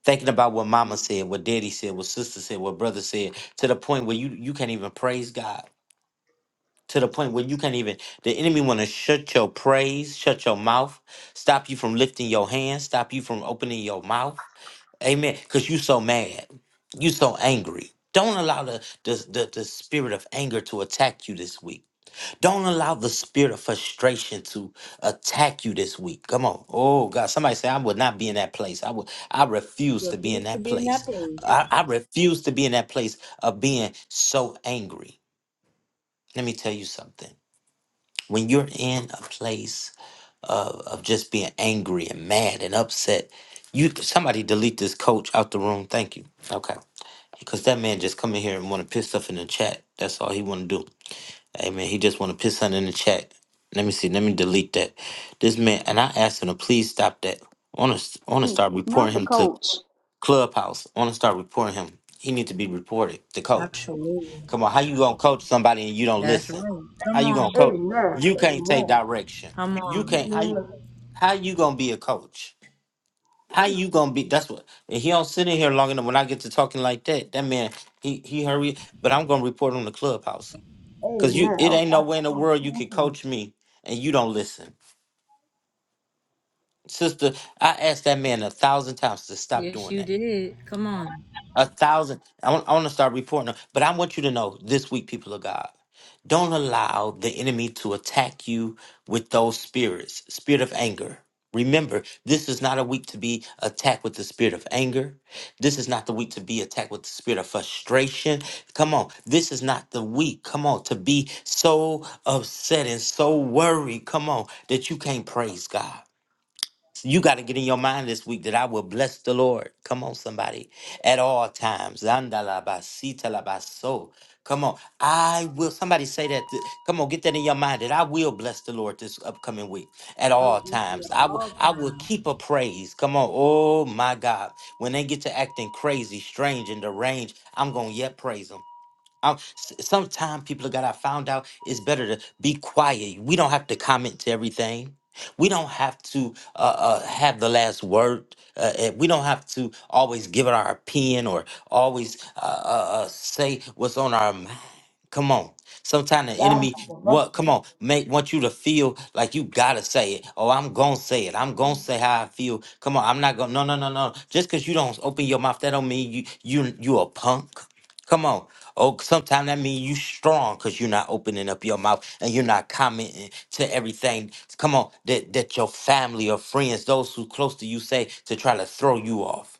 [SPEAKER 2] thinking about what mama said what daddy said what sister said what brother said to the point where you you can't even praise god to the point where you can't even the enemy want to shut your praise shut your mouth stop you from lifting your hands stop you from opening your mouth amen because you so mad you so angry don't allow the, the the the spirit of anger to attack you this week Don't allow the spirit of frustration to attack you this week. Come on. Oh God. Somebody say, I would not be in that place. I would I refuse to be in
[SPEAKER 1] Refuse to
[SPEAKER 2] that
[SPEAKER 1] be in that
[SPEAKER 2] place.
[SPEAKER 1] place.
[SPEAKER 2] I, I refuse to be in that place of being so angry. Let me tell you something. When you're in a place of, of just being angry and mad and upset, you somebody delete this coach out the room. Thank you. Okay. Because that man just come in here and want to piss stuff in the chat. That's all he want to do. Hey man, he just want to piss something in the chat. Let me see. Let me delete that. This man and I asked him to please stop that. I want to want to start
[SPEAKER 3] not
[SPEAKER 2] reporting
[SPEAKER 3] the
[SPEAKER 2] him to
[SPEAKER 3] coach.
[SPEAKER 2] Clubhouse. I want to start reporting him. He need to be reported to coach.
[SPEAKER 1] Absolutely.
[SPEAKER 2] Come on, how you gonna coach somebody and you don't
[SPEAKER 1] That's right.
[SPEAKER 2] listen? How
[SPEAKER 1] Come
[SPEAKER 2] you
[SPEAKER 1] on.
[SPEAKER 2] gonna coach?
[SPEAKER 6] Amen.
[SPEAKER 2] You can't take
[SPEAKER 6] Amen.
[SPEAKER 2] direction.
[SPEAKER 1] Come
[SPEAKER 2] You
[SPEAKER 1] on.
[SPEAKER 2] can't. How you,
[SPEAKER 6] Amen.
[SPEAKER 2] how you gonna be a coach? How you gonna be? That's what. And he don't sit in here long enough. When I get to talking like that, that man, he he hurry. But I'm gonna report him to Clubhouse. Cause you
[SPEAKER 6] Amen.
[SPEAKER 2] it
[SPEAKER 6] Oh,
[SPEAKER 2] ain't no
[SPEAKER 6] God, it's
[SPEAKER 2] way in the
[SPEAKER 6] so
[SPEAKER 2] world you
[SPEAKER 6] thank
[SPEAKER 2] can
[SPEAKER 6] you.
[SPEAKER 2] coach me and you don't listen. Sister, I asked that man a thousand times to stop
[SPEAKER 1] Yes,
[SPEAKER 2] doing
[SPEAKER 1] you
[SPEAKER 2] that.
[SPEAKER 1] did. Come on.
[SPEAKER 2] A thousand. I want, I want to start reporting. them. But I want you to know this week, people of God, don't allow the enemy to attack you with those spirits, spirit of anger. Remember, this is not a week to be attacked with the spirit of anger. This is not the week to be attacked with the spirit of frustration. Come on. This is not the week, come on, to be so upset and so worried, come on, that you can't praise God. So You got to get in your mind this week that I will bless the Lord. Come on, somebody. At all times. Andalabasitalabaso. Come on. I will. Somebody say that. th- Come on, get that in your mind that I will bless the Lord this upcoming week at
[SPEAKER 1] Oh,
[SPEAKER 2] all
[SPEAKER 1] yes, you
[SPEAKER 2] times.
[SPEAKER 1] did.
[SPEAKER 2] I will
[SPEAKER 1] All
[SPEAKER 2] I will keep a praise. Come on. Oh my God. When they get to acting crazy, strange, and deranged, I'm gonna yet praise them. Um, sometimes people of God, I found out it's better to be quiet. We don't have to comment to everything. We don't have to uh, uh, have the last word. Uh, and we don't have to always give it our opinion or always uh, uh, uh, say what's on our mind. Come on. Sometimes the
[SPEAKER 6] God,
[SPEAKER 2] enemy,
[SPEAKER 6] for the
[SPEAKER 2] what? Come
[SPEAKER 6] virtue.
[SPEAKER 2] on, make want you to feel like you gotta say it. Oh, I'm gonna say it. I'm gonna say how I feel. Come on, I'm not gonna. No, no, no, no. Just because you don't open your mouth, that don't mean you you you a punk. Come on. Oh, sometimes that means you strong because you're not opening up your mouth and you're not commenting to everything. Come on, that that your family or friends, those who close to you say to try to throw you off.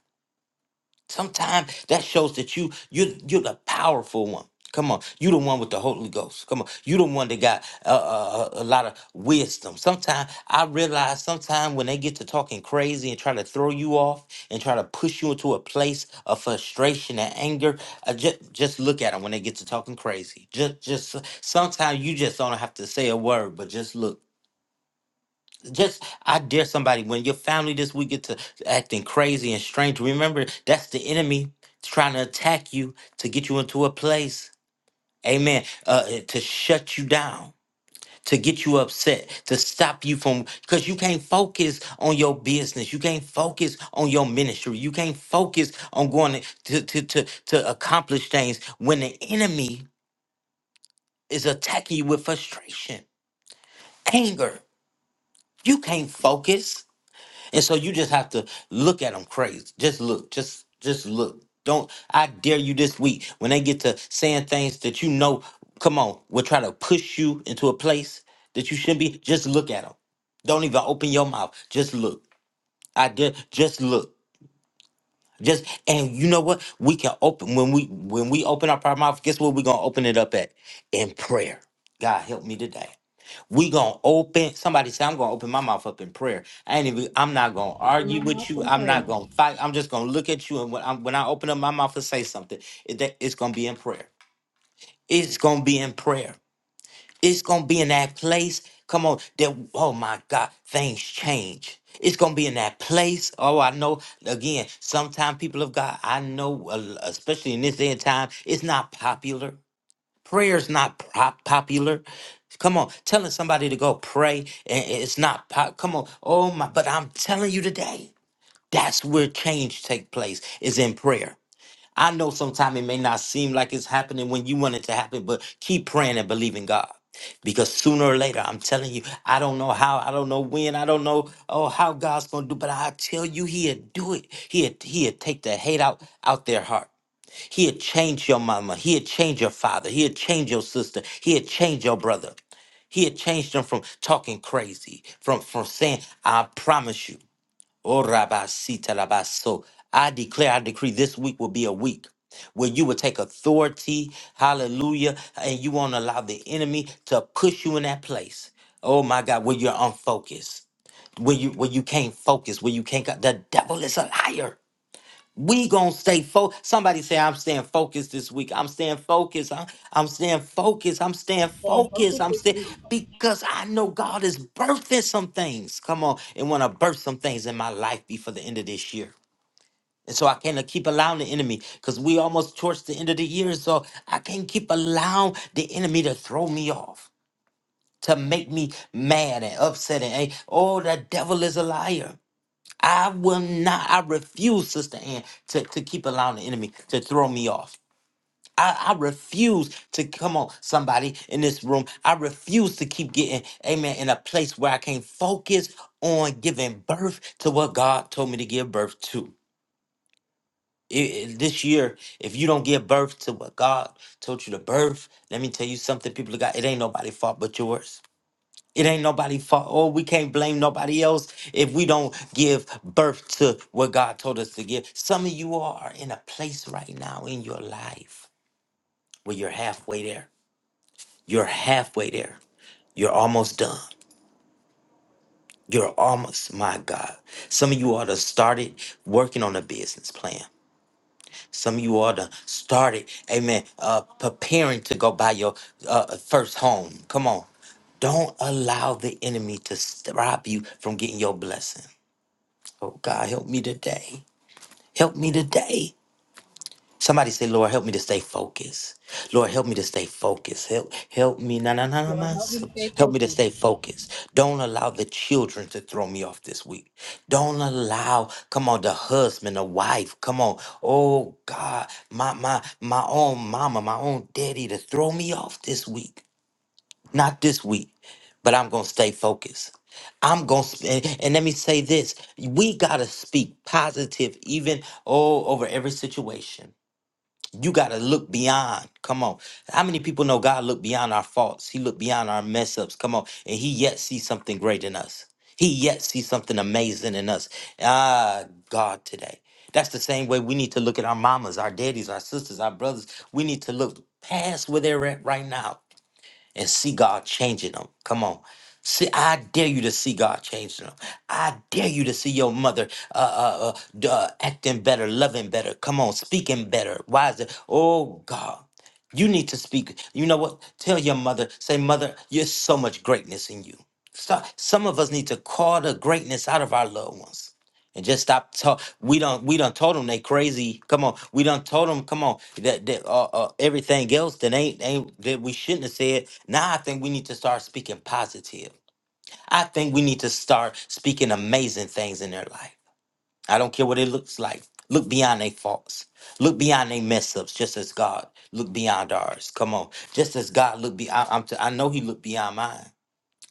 [SPEAKER 2] Sometimes that shows that you you you're the powerful one. Come on, you the one with the Holy Ghost. Come on, you the one that got a, a, a lot of wisdom. Sometimes I realize, sometimes when they get to talking crazy and try to throw you off and try to push you into a place of frustration and anger, I just just look at them when they get to talking crazy. Just just sometimes you just don't have to say a word, but just look just I dare somebody when your family this week get to acting crazy and strange. Remember, that's the enemy trying to attack you to get you into a place. Amen. Uh, uh, to shut you down, to get you upset, to stop you from because you can't focus on your business. You can't focus on your ministry. You can't focus on going to to to, to accomplish things when the enemy is attacking you with frustration, anger. You can't focus. And so you just have to look at them crazy. Just look. Just just look. Don't I dare you this week when they get to saying things that you know, come on, will try to push you into a place that you shouldn't be. Just look at them. Don't even open your mouth. Just look. I dare just look. Just and you know what? We can open when we when we open up our mouth, guess what we're gonna open it up at? In prayer. God help me today. We gonna open. Somebody say I'm gonna open my mouth up in prayer. I ain't even. I'm not gonna
[SPEAKER 1] keeping my
[SPEAKER 2] argue with
[SPEAKER 1] mouth
[SPEAKER 2] you.
[SPEAKER 1] in
[SPEAKER 2] I'm
[SPEAKER 1] prayer.
[SPEAKER 2] not gonna fight. I'm just gonna look at you, and when I when I open up my mouth and say something, it, that- it's gonna be in prayer. It's gonna be in prayer. It's gonna be in that place. Come on, that oh my God, things change. It's gonna be in that place. Oh, I know. Again, sometimes people of God, I know, uh, especially in this day and time, it's not popular. Prayer is not pop- popular. Come on, telling somebody to go pray, and it's not pop. Come on, oh my! But I'm telling you today, that's where change take place is in prayer. I know sometimes it may not seem like it's happening when you want it to happen, but keep praying and believing God. Because sooner or later, I'm telling you, I don't know how, I don't know when, I don't know oh how God's gonna do, but I tell you, He'll do it. He'll He'll take the hate out out their heart. He'll change your mama. He'll change your father. He'll change your sister. He'll change your brother. He'll change them from talking crazy, from, from saying, I promise you. Oh, Rabbi Sita Rabbi So, I declare, I decree this week will be a week where you will take authority, hallelujah, and you won't allow the enemy to push you in that place. Oh my God, where you're unfocused, where you where you can't focus, where you can't go- the devil is a liar. We gonna stay focused. Somebody say, I'm staying focused this week. I'm staying focused. I'm, I'm staying focused. I'm staying
[SPEAKER 1] Staying
[SPEAKER 2] focused.
[SPEAKER 1] focused
[SPEAKER 2] I'm
[SPEAKER 1] this
[SPEAKER 2] staying
[SPEAKER 1] week.
[SPEAKER 2] because I know God is birthing some things. Come on. And want to birth some things in my life before the end of this year. And so I can't uh, keep allowing the enemy because we almost towards the end of the year. So I can't keep allowing the enemy to throw me off, to make me mad and upset and ang- oh, the devil is a liar. I will not, I refuse, Sister Ann, to, to keep allowing the enemy to throw me off. I, I refuse to come on somebody in this room. I refuse to keep getting, amen, in a place where I can't focus on giving birth to what God told me to give birth to. I- I- this year, if you don't give birth to what God told you to birth, let me tell you something, people of God, it ain't nobody's fault but yours. It ain't nobody fault. Oh, we can't blame nobody else if we don't give birth to what God told us to give. Some of you are in a place right now in your life where you're halfway there. You're halfway there. You're almost done. You're almost, my God. Some of you ought to started working on a business plan. Some of you ought to started, amen, uh, preparing to go buy your uh, first home. Come on. Don't allow the enemy to stop you from getting your blessing. Oh God, help me today. Help me today. Somebody say, Lord, help me to stay focused. Lord, help me to stay focused. Help, help me. Na na na na.
[SPEAKER 1] Lord,
[SPEAKER 2] ma-
[SPEAKER 1] help me
[SPEAKER 2] so-
[SPEAKER 1] to stay
[SPEAKER 2] Help me to
[SPEAKER 1] focused.
[SPEAKER 2] stay focused. Don't allow the children to throw me off this week. Don't allow. Come on, the husband, the wife. Come on. Oh God, my my my own mama, my own daddy to throw me off this week. Not this week, but I'm going to stay focused. I'm going to, and and let me say this we got to speak positive, even all over every situation. You got to look beyond. Come on. How many people know God looked beyond our faults? He looked beyond our mess ups. Come on. And He yet sees something great in us. He yet sees something amazing in us. Ah, God, today. That's the same way we need to look at our mamas, our daddies, our sisters, our brothers. We need to look past where they're at right now and see God changing them. Come on. See, I dare you to see God changing them. I dare you to see your mother uh, uh, uh, d- uh, acting better, loving better. Come on, speaking better, wiser. Oh, God. You need to speak. You know what? Tell your mother, say, Mother, you're so much greatness in you. Stop. Some of us need to call the greatness out of our loved ones and just stop talk. We don't. We done told them they crazy. Come on. We done told them. Come on. That, that uh, uh, everything else that ain't ain't that we shouldn't have said. Now I think we need to start speaking positive. I think we need to start speaking amazing things in their life. I don't care what it looks like. Look beyond their faults. Look beyond their mess ups, just as God look beyond ours. Come on, just as God look beyond. I'm. T- I know He looked beyond mine.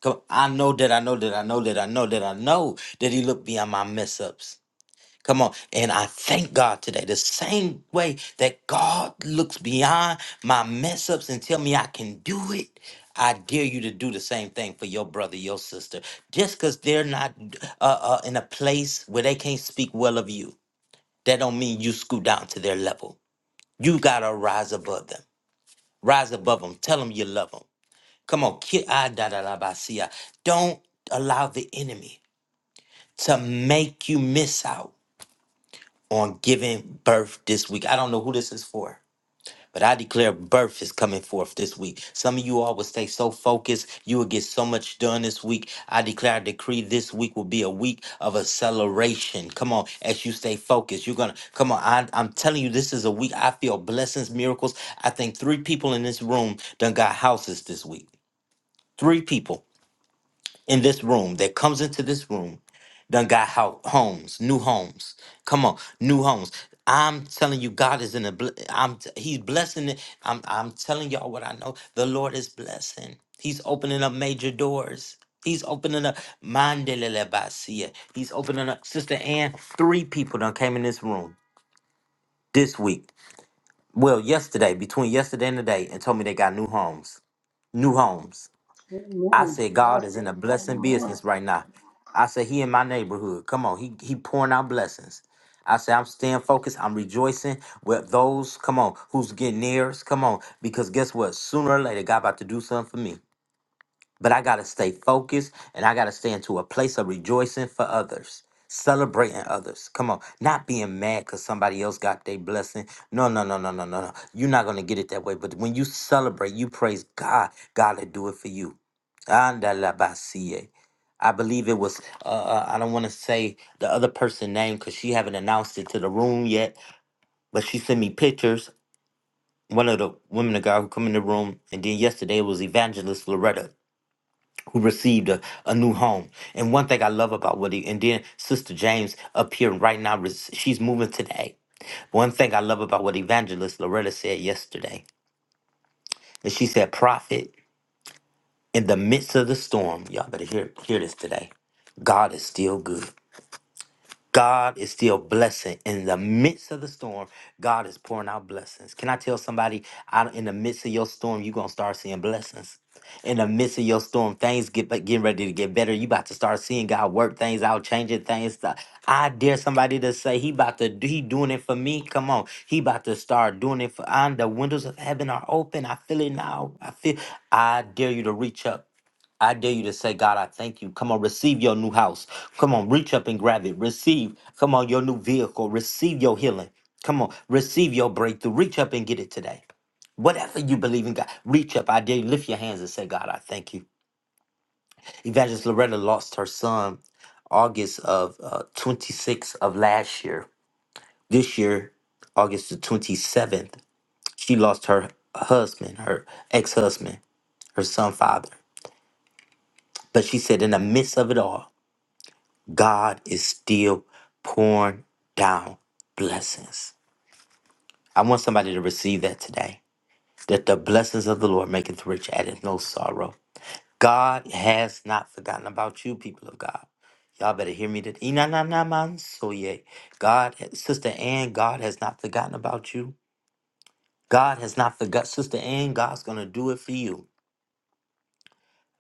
[SPEAKER 2] Come, I know that I know that I know that I know that I know that He looked beyond my mess ups. Come on. And I thank God today. The same way that God looks beyond my mess ups and tell me I can do it. I dare you to do the same thing for your brother, your sister. Just because they're not uh, uh, in a place where they can't speak well of you, that don't mean you scoot down to their level. You got to rise above them. Rise above them. Tell them you love them. Come on. ki- ah, da, da, da, ba, si, ah. Don't allow the enemy to make you miss out on giving birth this week. I don't know who this is for, but I declare birth is coming forth this week. Some of you all will stay so focused, you will get so much done this week. I declare, I decree this week will be a week of acceleration. Come on, as you stay focused, you're gonna come on. I, I'm telling you, this is a week I feel blessings, miracles. I think three people in this room done got houses this week. Three people in this room that comes into this room done got how homes new homes come on new homes i'm telling you god is in a bl- i'm t- he's blessing it i'm i'm telling y'all what i know the lord is blessing he's opening up major doors He's opening up Mandelele Basia. He's opening up Sister Ann. Three people done came in this room this week. Well, yesterday, between yesterday and today, and told me they got new homes. New homes. I
[SPEAKER 6] Amen.
[SPEAKER 2] said God
[SPEAKER 6] Yes.
[SPEAKER 2] is in a blessing
[SPEAKER 6] Amen.
[SPEAKER 2] business right now. I said He in my neighborhood. Come on, He He pouring out blessings. I said I'm staying focused. I'm rejoicing with those. Come on, who's getting theirs? Come on, because guess what? Sooner or later, God about to do something for me. But I got to stay focused and I got to stay into a place of rejoicing for others, celebrating others. Come on, not being mad because somebody else got their blessing. No, no, no, no, no, no, no. You're not going to get it that way. But when you celebrate, you praise God, God will do it for you. Andalabasie. I believe it was, uh, uh, I don't want to say the other person's name because she haven't announced it to the room yet, but she sent me pictures. One of the women of God who come in the room, and then yesterday it was Evangelist Loretta who received a, a new home. And one thing I love about what he, and then Sister James up here right now, res- she's moving today. One thing I love about what Evangelist Loretta said yesterday, and she said, Prophet, in the midst of the storm, y'all better hear, hear this today, God is still good. God is still blessing in the midst of the storm. God is pouring out blessings. Can I tell somebody out in the midst of your storm, you're gonna start seeing blessings. In the midst of your storm, things get but getting ready to get better. You about to start seeing God work things out, changing things. Th- I dare somebody to say He about to do- He doing it for me. Come on, He about to start doing it for. i the windows of heaven are open. I feel it now. I feel. I dare you to reach up I dare you to say, God, I thank you. Come on, receive your new house. Come on, reach up and grab it. Receive. Come on, your new vehicle. Receive your healing. Come on, receive your breakthrough. Reach up and get it today. Whatever you believe in, God, reach up. I dare you lift your hands and say, God, I thank you. Evangelist Loretta lost her son August of uh, 26th of last year. This year, August the 27th, she lost her husband, her ex husband, her son, father. But she said, in the midst of it all, God is still pouring down blessings. I want somebody to receive that today. That the blessings of the Lord maketh rich, addeth no sorrow. God has not forgotten about you, people of God. Y'all better hear me today. Ina na na man so God, Sister Ann, God has not forgotten about you. God has not forgotten, Sister Ann, God's going to do it for you.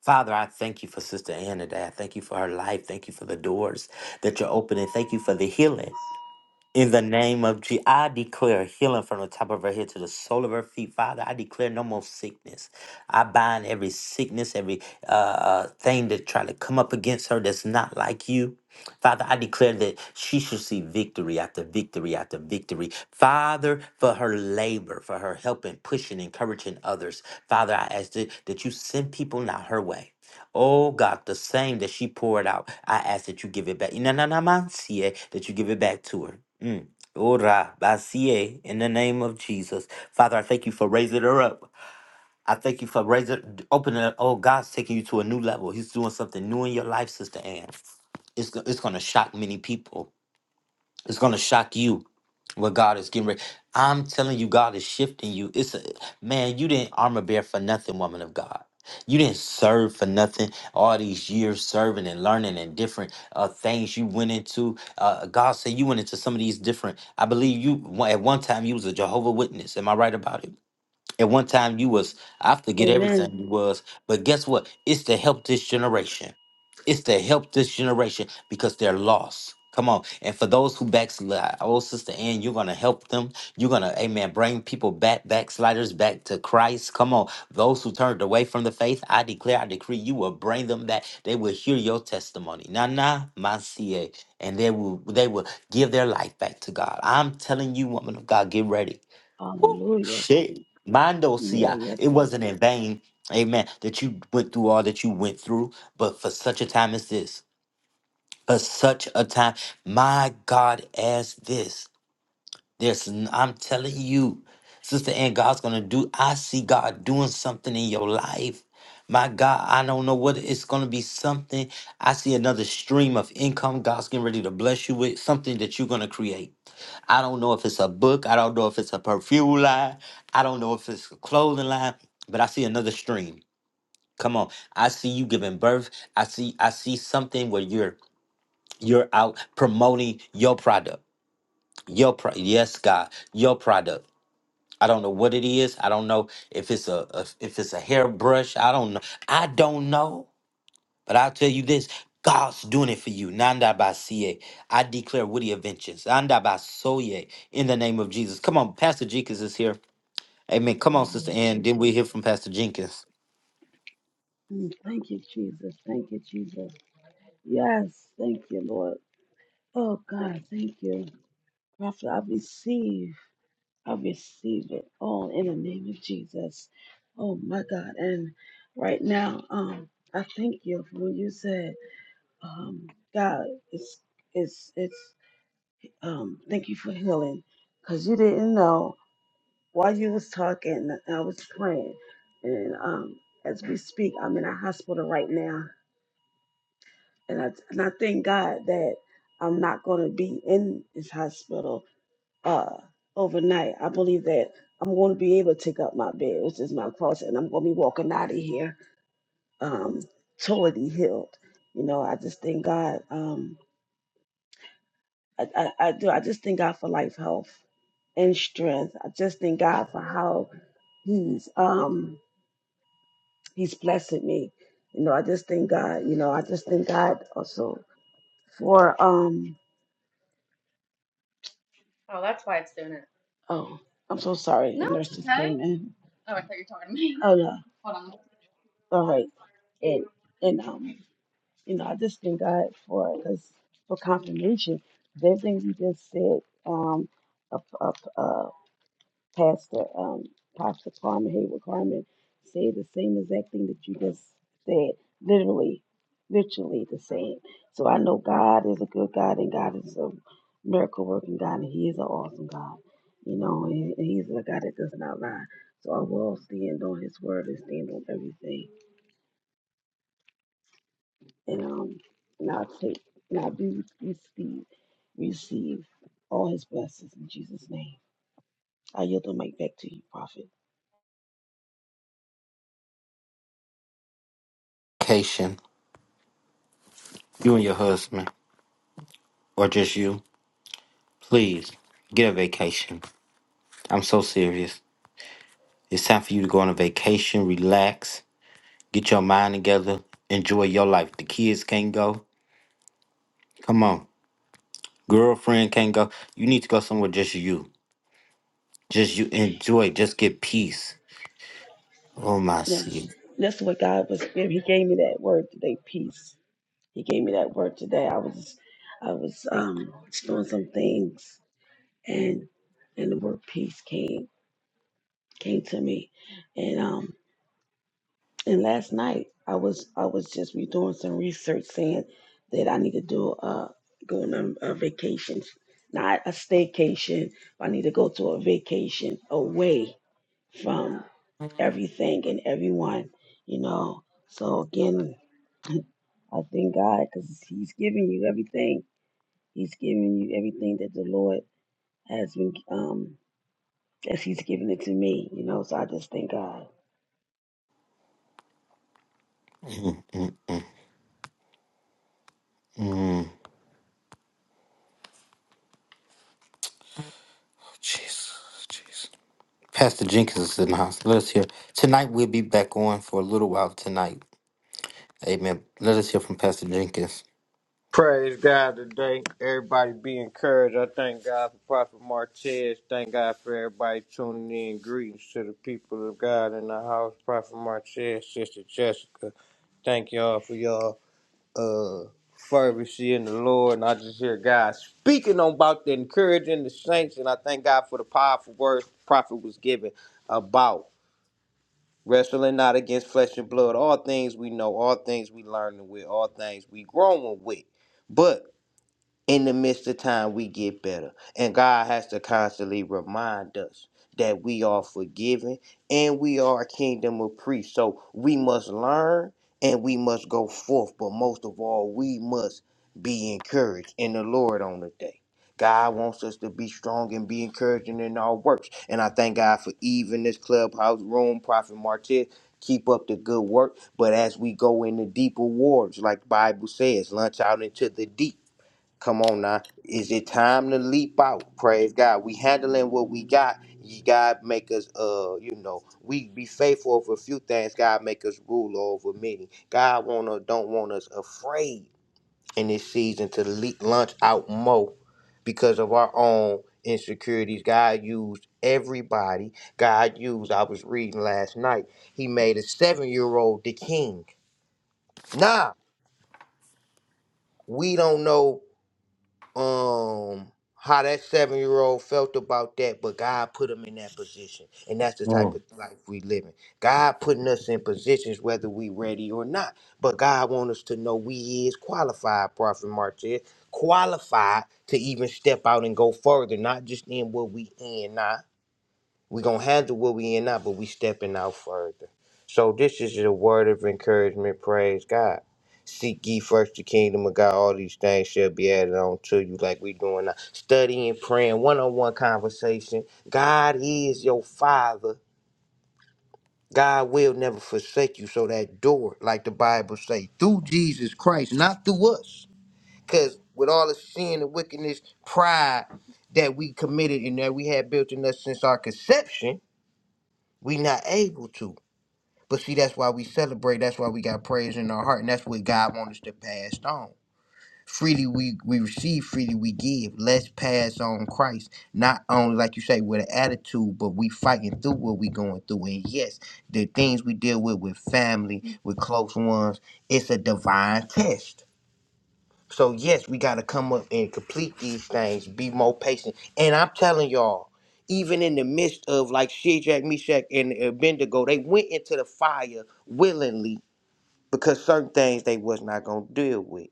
[SPEAKER 2] Father, I thank you for Sister Ann today. I thank you for her life. Thank you for the doors that you're opening. Thank you for the healing. In the name of Jesus, I declare healing from the top of her head to the sole of her feet, Father. I declare no more sickness. I bind every sickness, every uh, uh, thing that try to come up against her that's not like you. Father, I declare that she should see victory after victory after victory. Father, for her labor, for her helping, pushing, encouraging others. Father, I ask that, that you send people now her way. Oh God, the same that she poured out, I ask that you give it back. Inananamansie, That you give it back to her. Mm. Ora, basie, In the name of Jesus. Father, I thank you for raising her up. I thank you for raising, opening up. Oh, God's taking you to a new level. He's doing something new in your life, Sister Ann. It's, go- it's going to shock many people. It's gonna shock you what God is getting ready. I'm telling you, God is shifting you. It's a man, you didn't armor bear for nothing, woman of God. You didn't serve for nothing. All these years serving and learning and different uh, things you went into. Uh, God said you went into some of these different. I believe you at one time you was a Jehovah Witness. Am I right about it? At one time you was, I forget
[SPEAKER 6] Amen.
[SPEAKER 2] everything you was, but guess what? It's to help this generation. It's to help this generation because they're lost. Come on. And for those who backslide, oh sister Ann, you're gonna help them. You're gonna, amen, bring people back, backsliders back to Christ. Come on. Those who turned away from the faith, I declare, I decree you will bring them back. They will hear your testimony. Na na masie. And they will they will give their life back to God. I'm telling you, woman of God, get ready. Whew,
[SPEAKER 6] Hallelujah.
[SPEAKER 2] shit. Mondo
[SPEAKER 6] Yeah,
[SPEAKER 2] Sia.
[SPEAKER 6] yes,
[SPEAKER 2] It
[SPEAKER 6] sir.
[SPEAKER 2] wasn't in vain, amen, that you went through all that you went through, but for such a time as this, for such a time, my God, as this. There's, n- I'm telling you, sister, and God's gonna do. I see God doing something in your life. My God, I don't know what it- it's gonna be. Something. I see another stream of income. God's getting ready to bless you with something that you're gonna create. I don't know if it's a book. I don't know if it's a perfume line. I don't know if it's a clothing line. But I see another stream. Come on, I see you giving birth. I see. I see something where you're you're out promoting your product. Your pro- yes, God, your product. I don't know what it is. I don't know if it's a, a if it's a hairbrush. I don't know. I don't know. But I'll tell you this: God's doing it for you. Nanda basie. I declare Woody Adventures. Nanda basoye. In the name of Jesus. Come on, Pastor Jenkins is here. Amen. Come on,
[SPEAKER 6] Amen,
[SPEAKER 2] Sister Ann. Did we
[SPEAKER 6] Jesus.
[SPEAKER 2] hear from Pastor Jenkins?
[SPEAKER 6] Mm, Thank you, Jesus. Thank you, Jesus. Yes, thank you, Lord. Oh, God, thank you. Prophet, I receive. I receive it all in the name of Jesus. Oh, my God. And right now, um, I thank you for when you said, um, God, it's, it's, it's, um, thank you for healing. Because you didn't know while you was talking, I was praying. And um, as we speak, I'm in a hospital right now and I and I thank God that I'm not going to be in this hospital uh overnight. I believe that I'm going to be able to take up my bed, which is my cross, and I'm going to be walking out of here um totally healed. You know, I just thank God. Um, I, I, I do. I just thank God for life, health, and strength. I just thank God for how He's um He's blessed me. You know, I just thank God. You know, I just thank God also for um Oh, I'm so sorry. The nurse just came in. Oh no, all right. <laughs> And and um, you know, I just thank God for because for confirmation. Everything you just said um, Pastor um, Pastor Carmen Hayward Carmen said the same exact thing that you just said, literally, literally the same. So I know God is a good God and God is a miracle working God and He is an awesome God. You know, and He- He's a God that does not lie. So I will stand on His word and stand on everything, and um, and I'll take, and I'll be receive, receive all His blessings in Jesus' name. I yield the mic back to you, Prophet.
[SPEAKER 2] Vacation. You and your husband, or just you? Please get a vacation. I'm so serious. It's time for you to go on a vacation, relax, get your mind together, enjoy your life. The kids can't go. Come on. Girlfriend can't go. You need to go somewhere just you. Just you enjoy. Just get peace. Oh my
[SPEAKER 6] Yes.
[SPEAKER 2] seed,
[SPEAKER 6] That's what God was giving. He gave me that word today, peace. He gave me that word today. I was I was um doing some things and and the word peace came came to me. And um and last night I was I was just we doing some research saying that I need to do uh going on a vacation, not a staycation. I need to go to a vacation away from everything and everyone, you know. So again, I thank God because He's giving you everything. He's giving you everything that the Lord has been, um, as He's given it to me, you know. So I just thank God.
[SPEAKER 2] Jesus. Jesus. Pastor Jenkins is in the house. Let us hear. Tonight we'll be back on for a little while tonight. Amen. Let us hear from Pastor Jenkins.
[SPEAKER 7] Praise God today. Everybody be encouraged. I thank God for Prophet Martez. Thank God for everybody tuning in. Greetings to the people of God in the house. Prophet Martez, Sister Jessica. Thank y'all for y'all uh fervency in the Lord. And I just hear God speaking on about the encouraging the saints. And I thank God for the powerful words the prophet was given about wrestling not against flesh and blood. All things we know, all things we learning with, all things we growing with. But in the midst of time we get better and god has to constantly remind us that we are forgiven and we are a kingdom of priests so we must learn and we must go forth but most of all we must be encouraged in the lord on the day god wants us to be strong and be encouraging in our works and i thank god for even this clubhouse room prophet martez keep up the good work but as we go into deeper waters like the bible says launch out into the deep Come on now. Is it time to leap out? Praise God. We handling what we got. You God make us uh, you know, we be faithful over a few things. God make us rule over many. God wanna don't want us afraid in this season to leap launch out more because of our own insecurities. God used everybody. God used, I was reading last night, he made a seven year old the king. Nah, we don't know. um how that seven year old felt about that, but God put him in that position. And that's the type
[SPEAKER 2] Oh.
[SPEAKER 7] of life we live in. God putting us in positions whether we ready or not. But God want us to know we is qualified, Prophet Martez, qualified to even step out and go further, not just in what we in now, we're going to handle what we in now, but we stepping out further. So this is a word of encouragement. Praise God. Seek ye first the kingdom of God. All these things shall be added on to you like we doing now. Studying, praying, one-on-one conversation. God is your father. God will never forsake you. So that door, like the Bible say, through Jesus Christ, not through us. Because with all the sin and wickedness, pride that we committed and that we had built in us since our conception, we not able to. But see, that's why we celebrate. That's why we got praise in our heart, and that's what God wants us to pass on. Freely we we receive, freely we give. Let's pass on Christ, not only like you say with an attitude, but we fighting through what we going through. And yes, the things we deal with with family, with close ones, it's a divine test. So yes, we gotta come up and complete these things, be more patient. And I'm telling y'all, even in the midst of like Shadrach, Meshach, and Abednego, they went into the fire willingly because certain things they was not gonna deal with.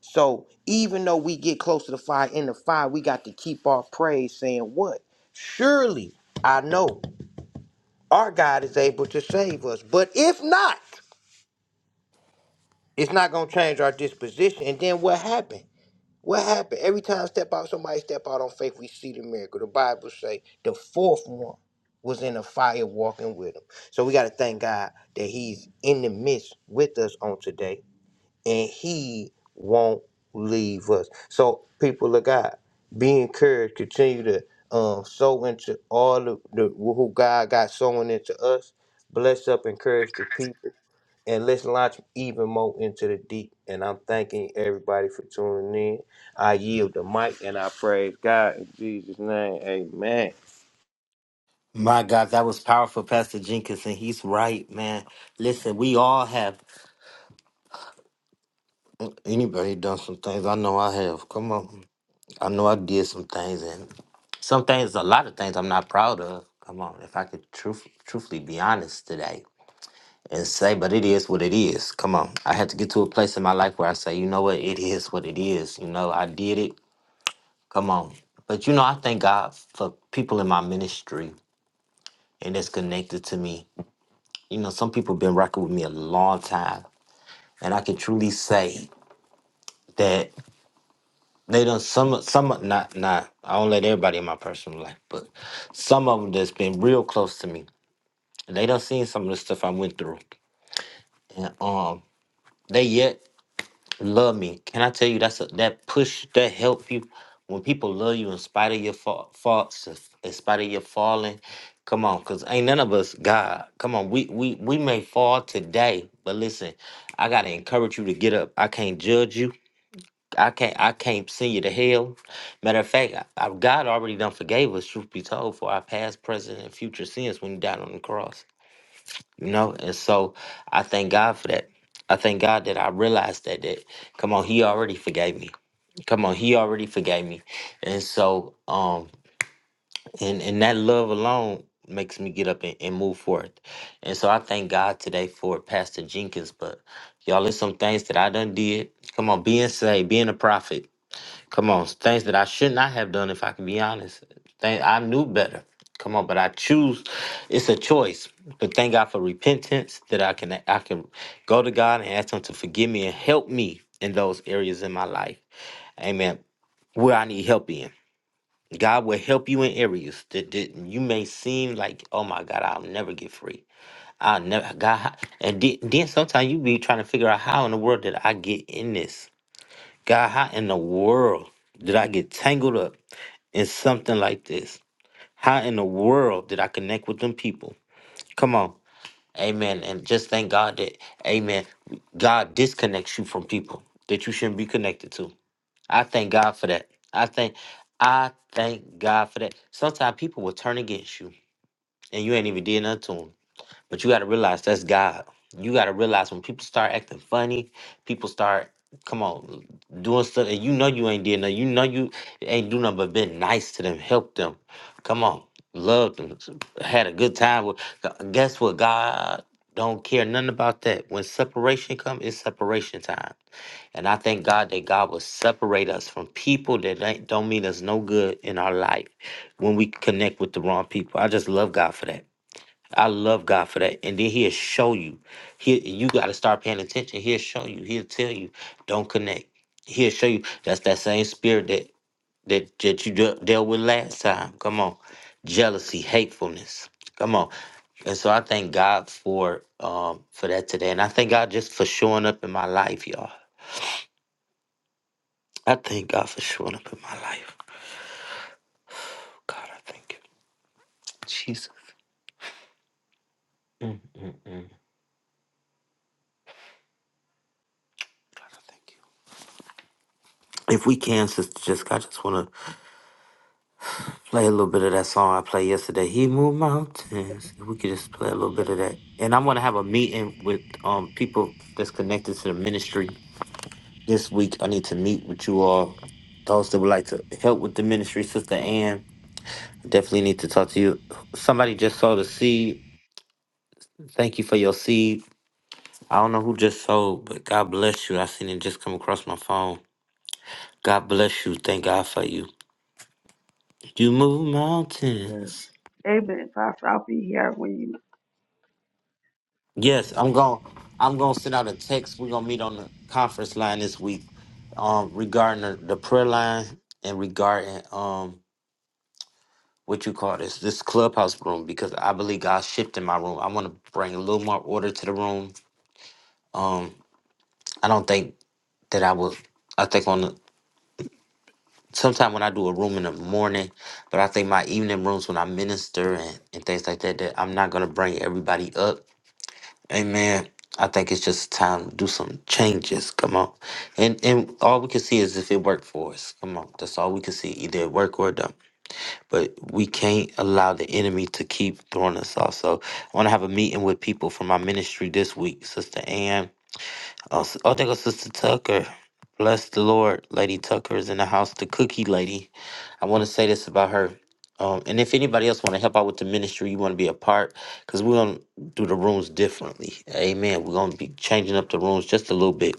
[SPEAKER 7] So even though we get close to the fire in the fire, we got to keep our praise saying what? Surely I know our God is able to save us. But if not, it's not gonna change our disposition. And then what happened? What happened? Every time step out, somebody step out on faith, we see the miracle. The Bible say the fourth one was in a fire walking with him. So we got to thank God that he's in the midst with us on today and he won't leave us. So people of God, be encouraged, continue to um sow into all the, the who God got sowing into us. Bless up, encourage the people, and let's launch even more into the deep. And I'm thanking everybody for tuning in. I yield the mic and I praise God in Jesus' name. Amen.
[SPEAKER 2] My God, that was powerful, Pastor Jenkins, and he's right, man. Listen, we all have anybody done some things. I know I have. Come on. I know I did some things Some things, a lot of things I'm not proud of. Come on, if I could truth, truthfully be honest today and say, but it is what it is. Come on. I had to get to a place in my life where I say, you know what, it is what it is. You know, I did it. Come on. But you know, I thank God for people in my ministry and that's connected to me. You know, some people been rocking with me a long time. And I can truly say that they done some some not not I don't let everybody in my personal life, but some of them that's been real close to me They done seen some of the stuff I went through, and um, they yet love me. Can I tell you that's a, that push that help you when people love you in spite of your fa- faults, in in spite of your falling. Come on, cause ain't none of us God. Come on, we we we may fall today, but listen, I gotta encourage you to get up. I can't judge you. I can't I can't send you to hell. Matter of fact, I, I, God already done forgave us. Truth be told, for our past, present, and future sins when He died on the cross. you know and so i thank god for that i thank god that i realized that that come on he already forgave me come on he already forgave me and so um and and that love alone makes me get up and, and move forth and so i thank god today for pastor jenkins but y'all there's some things that i done did come on being saved being a prophet Come on, things that I should not have done, if I can be honest. Things I knew better. Come on, but I choose. It's a choice. But thank God for repentance that I can I can go to God and ask Him to forgive me and help me in those areas in my life. Amen. Where I need help in, God will help you in areas that, that you may seem like, oh my God, I'll never get free. I'll never God. And then, then sometimes you be trying to figure out how in the world did I get in this? God, how in the world did I get tangled up? in something like this. How in the world did I connect with them people? Come on. Amen. And just thank God that, amen, God disconnects you from people that you shouldn't be connected to. I thank God for that. I thank I thank God for that. Sometimes people will turn against you and you ain't even did nothing to 'em. But you got to realize that's God. You got to realize when people start acting funny, people start, come on, doing stuff that you know you ain't did nothing. You know you ain't do nothing but been nice to them, help them. Come on, loved them, had a good time. With, Gu- guess what? God don't care nothing about that. When separation come, it's separation time. And I thank God that God will separate us from people that ain't, don't mean us no good in our life when we connect with the wrong people. I just love God for that. I love God for that. And then he'll show you. He you gotta start paying attention. He'll show you. He'll tell you, don't connect. He'll show you. That's that same spirit that that, that you de- dealt with last time. Come on. Jealousy, hatefulness. Come on. And so I thank God for um for that today. And I thank God just for showing up in my life, y'all. I thank God for showing up in my life. God, I thank you. Jesus. Mm, mm, mm. God, I thank you. If we can, sister Jessica, I just want to play a little bit of that song I played yesterday. He moved mountains. If We could just play a little bit of that. And I'm gonna have a meeting with um people that's connected to the ministry this week. I need to meet with you all. Those that would like to help with the ministry, Sister Ann. I Definitely need to talk to you. Somebody just sowed a seed. Thank you for your seed. I don't know who just sold, but God bless you. I seen it just come across my phone. God bless you. Thank God for you. You move mountains.
[SPEAKER 6] Yes. Amen. Prophet, I'll be here when you.
[SPEAKER 2] Yes, I'm going. I'm going to send out a text. We're going to meet on the conference line this week, um, regarding the, the prayer line and regarding um what you call this this clubhouse room because I believe God's shifting my room. I want to bring a little more order to the room. Um, I don't think that I will. I think on the, sometime when I do a room in the morning, but I think my evening rooms when I minister and, and things like that, that I'm not going to bring everybody up. Amen. I think it's just time to do some changes. Come on. And and all we can see is if it worked for us. Come on. That's all we can see. Either it worked or it don't. But we can't allow the enemy to keep throwing us off. So I want to have a meeting with people from my ministry this week, Sister Ann. Oh, s- oh, there goes Sister Tucker. Bless the Lord. Lady Tucker is in the house, the cookie lady. I want to say this about her. Um, and if anybody else want to help out with the ministry, you want to be a part, because we're going to do the rooms differently. Amen. We're going to be changing up the rooms just a little bit,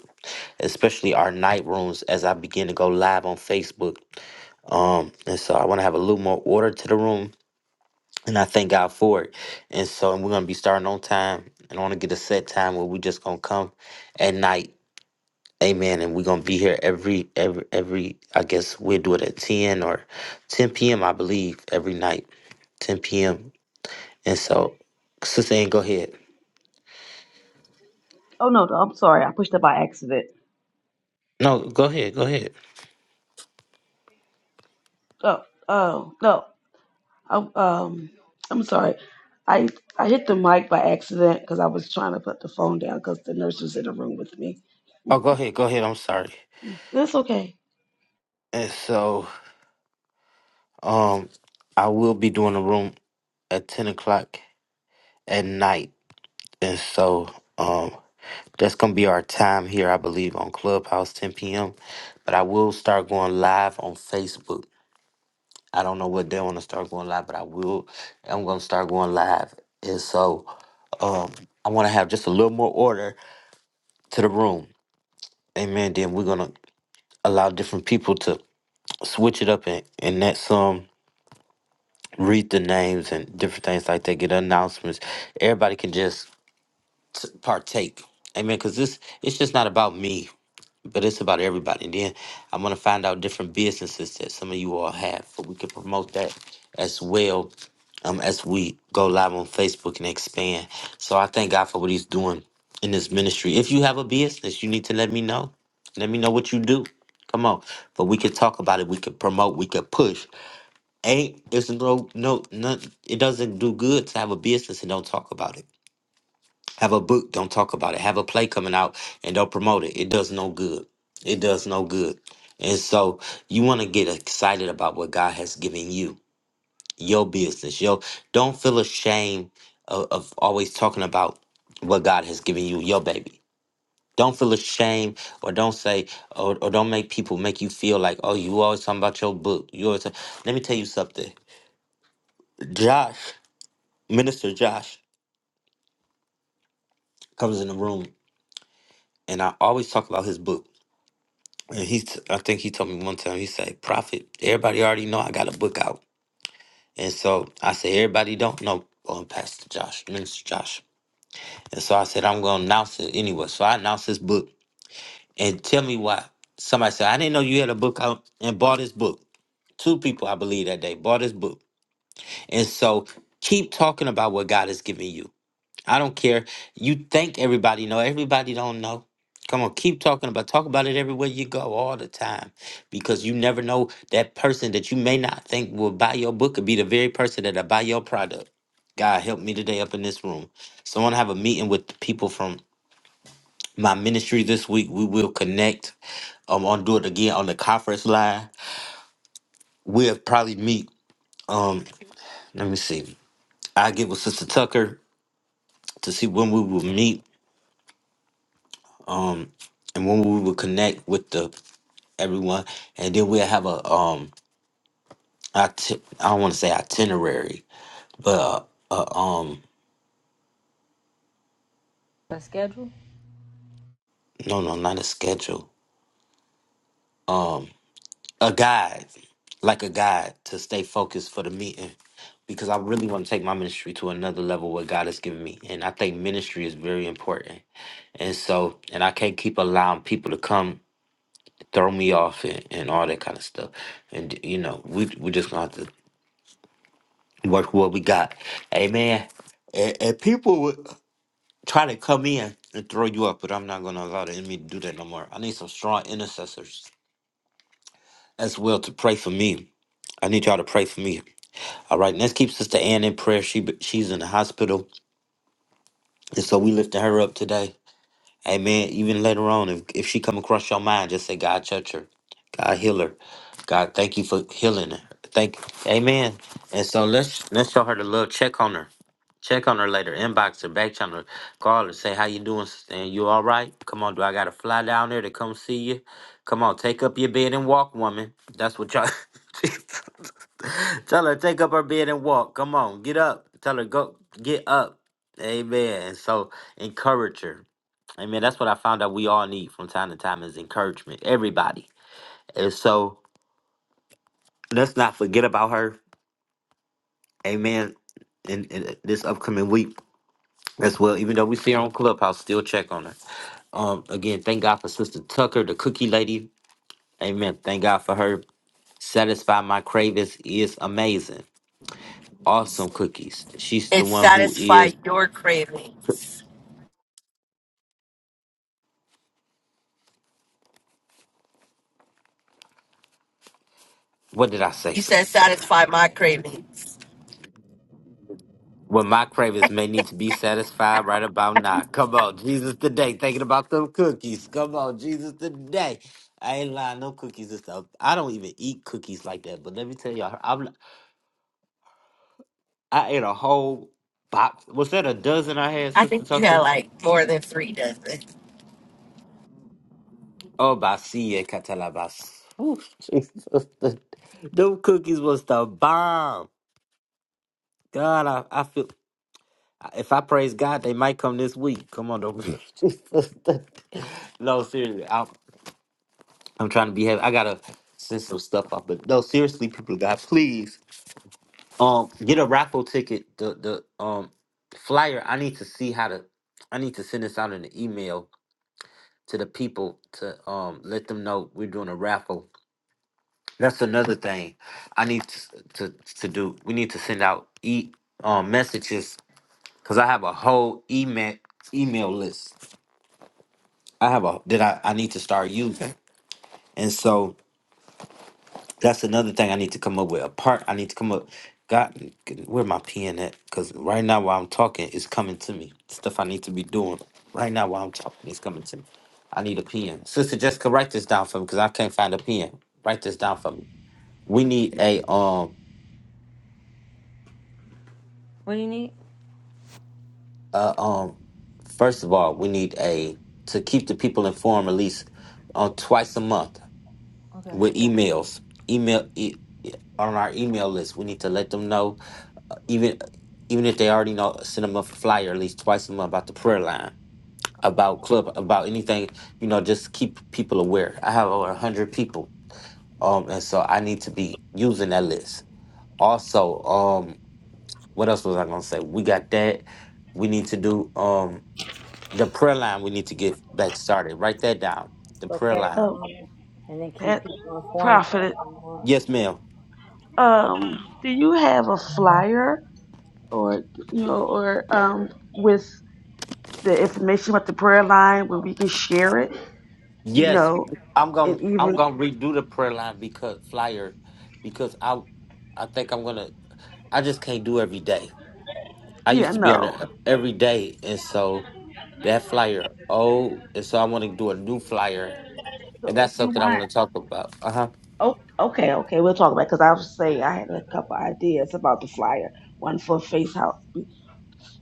[SPEAKER 2] especially our night rooms as I begin to go live on Facebook. Um, and so I want to have a little more order to the room, and I thank God for it. And so we're going to be starting on time, and I want to get a set time where we just going to come at night Amen. And we're gonna be here every every every I guess we'll do it at ten or ten PM, I believe, every night. Ten PM. And so Sister Ann, go ahead.
[SPEAKER 6] Oh, no, no, I'm sorry. I pushed it by accident.
[SPEAKER 2] No, go ahead, go ahead.
[SPEAKER 6] Oh, oh, no. I'm, um, I'm sorry. I, I hit the mic by accident because I was trying to put the phone down because the nurse was in the room with me.
[SPEAKER 2] Oh go ahead, go ahead, I'm sorry.
[SPEAKER 6] That's okay.
[SPEAKER 2] And so um I will be doing a room at ten o'clock at night. And so um that's gonna be our time here, I believe, on Clubhouse, ten PM. But I will start going live on Facebook I don't know what day I want to start going live, but I will. I'm going to start going live. And so um, I want to have just a little more order to the room. Amen. Then we're going to allow different people to switch it up and, and let some read the names and different things like that, get announcements. Everybody can just t- partake. Amen. Because this, it's just not about me. but it's about everybody. And then I'm gonna find out different businesses that some of you all have, so we can promote that as well. Um, as we go live on Facebook and expand. So I thank God for what He's doing in this ministry. If you have a business, you need to let me know. Let me know what you do. Come on, but we could talk about it. We could promote. We could push. Ain't it's no no none, It doesn't do good to have a business and don't talk about it. Have a book, don't talk about it. Have a play coming out and don't promote it. It does no good. It does no good. And so you want to get excited about what God has given you, your business. Yo, don't feel ashamed of, of always talking about what God has given you, your baby. Don't feel ashamed or don't say or, or don't make people make you feel like, oh, you always talking about your book. You always talk-" let me tell you something. Josh, Minister Josh, comes in the room and I always talk about his book And he, t- I think he told me one time, he said, Prophet, everybody already know I got a book out. And so I said, everybody don't know um, Pastor Josh, Minister Josh. And so I said, I'm going to announce it anyway. So I announced this book. And tell me why. Somebody said, I didn't know you had a book out and bought this book. Two people, I believe, that day bought this book. And so keep talking about what God has given you. I don't care. You think everybody know. Everybody don't know. Come on, keep talking about talk about it everywhere you go all the time. Because you never know that person that you may not think will buy your book could be the very person that'll buy your product. God help me today up in this room. So I want to have a meeting with the people from my ministry this week. We will connect. Um, I'll do it again on the conference line. We'll probably meet. Um, let me see. I get with Sister Tucker to see when we will meet um and when we would connect with the everyone and then we'll have a um iti- i don't want to say itinerary but uh, uh, um
[SPEAKER 1] A schedule?
[SPEAKER 2] no no not a schedule um a guide like a guide to stay focused for the meeting because i really want to take my ministry to another level what god has given me and i think ministry is very important and so and i can't keep allowing people to come throw me off and, and all that kind of stuff and you know we we just gonna have to work what we got. Amen. And, and people would try to come in and throw you up, but I'm not going to allow the enemy to do that no more. I need some strong intercessors as well to pray for me. I need y'all to pray for me. All right, let's keep Sister Ann in prayer. She she's in the hospital, and so we lifting her up today. Amen. Even later on, if if she come across your mind, just say, God, touch her. God, heal her. God, thank you for healing her. Thank, Amen. And so let's let's show her the love. Check on her. Check on her later, inbox her, back channel her, call her, say how you doing, sister? and you all right? Come on, do I gotta fly down there to come see you? Come on, take up your bed and walk, woman. That's what y'all. <laughs> Tell her take up her bed and walk. Come on, get up. Tell her go get up. Amen. And so encourage her. Amen. That's what I found out we all need from time to time is encouragement. Everybody. And so let's not forget about her. Amen. In, in this upcoming week as well, even though we see her on Clubhouse, still check on her. Um, again, thank God for Sister Tucker, the cookie lady. Amen. Thank God for her. Satisfy my cravings is amazing. Awesome cookies. She's the
[SPEAKER 8] It
[SPEAKER 2] one who
[SPEAKER 8] satisfy
[SPEAKER 2] is.
[SPEAKER 8] your cravings.
[SPEAKER 2] What did I say,
[SPEAKER 8] You
[SPEAKER 2] Sister
[SPEAKER 8] said
[SPEAKER 2] Tucker?
[SPEAKER 8] satisfy my cravings.
[SPEAKER 2] Well, my cravings may need to be satisfied right about now. Come on, Jesus today. Thinking about them cookies. Come on, Jesus today. I ain't lying. No cookies and stuff. I don't even eat cookies like that. But let me tell y'all, I'm, I ate a whole box. Was that a dozen I had,
[SPEAKER 8] I
[SPEAKER 2] Sister
[SPEAKER 8] think you had
[SPEAKER 2] Tucker?
[SPEAKER 8] like more than three dozen.
[SPEAKER 2] Oh, Basie Catalabas. Ooh, Jesus. The, them cookies was the bomb. God, I, I feel if I praise God, they might come this week. Come on, though. <laughs> Jesus. The- no, seriously. I'm, I'm trying to be happy. I gotta send some stuff up, but no, seriously, people of God, please um get a raffle ticket. The the um flyer. I need to see how to I need to send this out in an email to the people to um let them know we're doing a raffle That's another thing. I need to to, to do. We need to send out e um, messages because I have a whole email email list. I have a that I, I need to start using, and so that's another thing I need to come up with. A part I need to come up. God, where my pen at? Because right now while I'm talking, it's coming to me. Stuff I need to be doing right now while I'm talking, it's coming to me. I need a pen. Sister Jessica, write this down for me because I can't find a pen. Write this down for me. We
[SPEAKER 1] Okay.
[SPEAKER 2] need a um.
[SPEAKER 1] What do you need?
[SPEAKER 2] Uh, um, first of all, we need a to keep the people informed at least uh, twice a month
[SPEAKER 1] Okay.
[SPEAKER 2] with emails. Email e- on our email list. We need to let them know, even even if they already know, send them a flyer at least twice a month about the prayer line, about club, about anything. You know, just keep people aware. I have over a hundred people, um, and so I need to be using that list. Also, um, what else was I gonna say? We got that. We need to do. Um, The prayer line we need to get back started. Write that down. The
[SPEAKER 1] So
[SPEAKER 2] prayer
[SPEAKER 1] pray
[SPEAKER 2] line.
[SPEAKER 6] Oh,
[SPEAKER 1] now and then keep
[SPEAKER 6] Pat,
[SPEAKER 1] people informed
[SPEAKER 6] Prophet,
[SPEAKER 1] on
[SPEAKER 2] Yes, ma'am.
[SPEAKER 6] um, do you have a flyer or you know, or um, with the information about the prayer line where we can share it? You
[SPEAKER 2] Yes.
[SPEAKER 6] know,
[SPEAKER 2] I'm going
[SPEAKER 6] and
[SPEAKER 2] to I'm
[SPEAKER 6] even
[SPEAKER 2] going to redo the prayer line because flyer because I I think I'm going to I just can't do every day. I
[SPEAKER 6] yeah,
[SPEAKER 2] used to be on
[SPEAKER 6] no.
[SPEAKER 2] there every day and so that flyer oh and so I want to do a new flyer
[SPEAKER 6] So
[SPEAKER 2] and
[SPEAKER 6] if
[SPEAKER 2] that's
[SPEAKER 6] you
[SPEAKER 2] something I
[SPEAKER 6] want,
[SPEAKER 2] want to talk about. Uh-huh.
[SPEAKER 6] oh, okay, okay, we'll talk about because I was saying I had a couple ideas about the flyer, one for Faith House.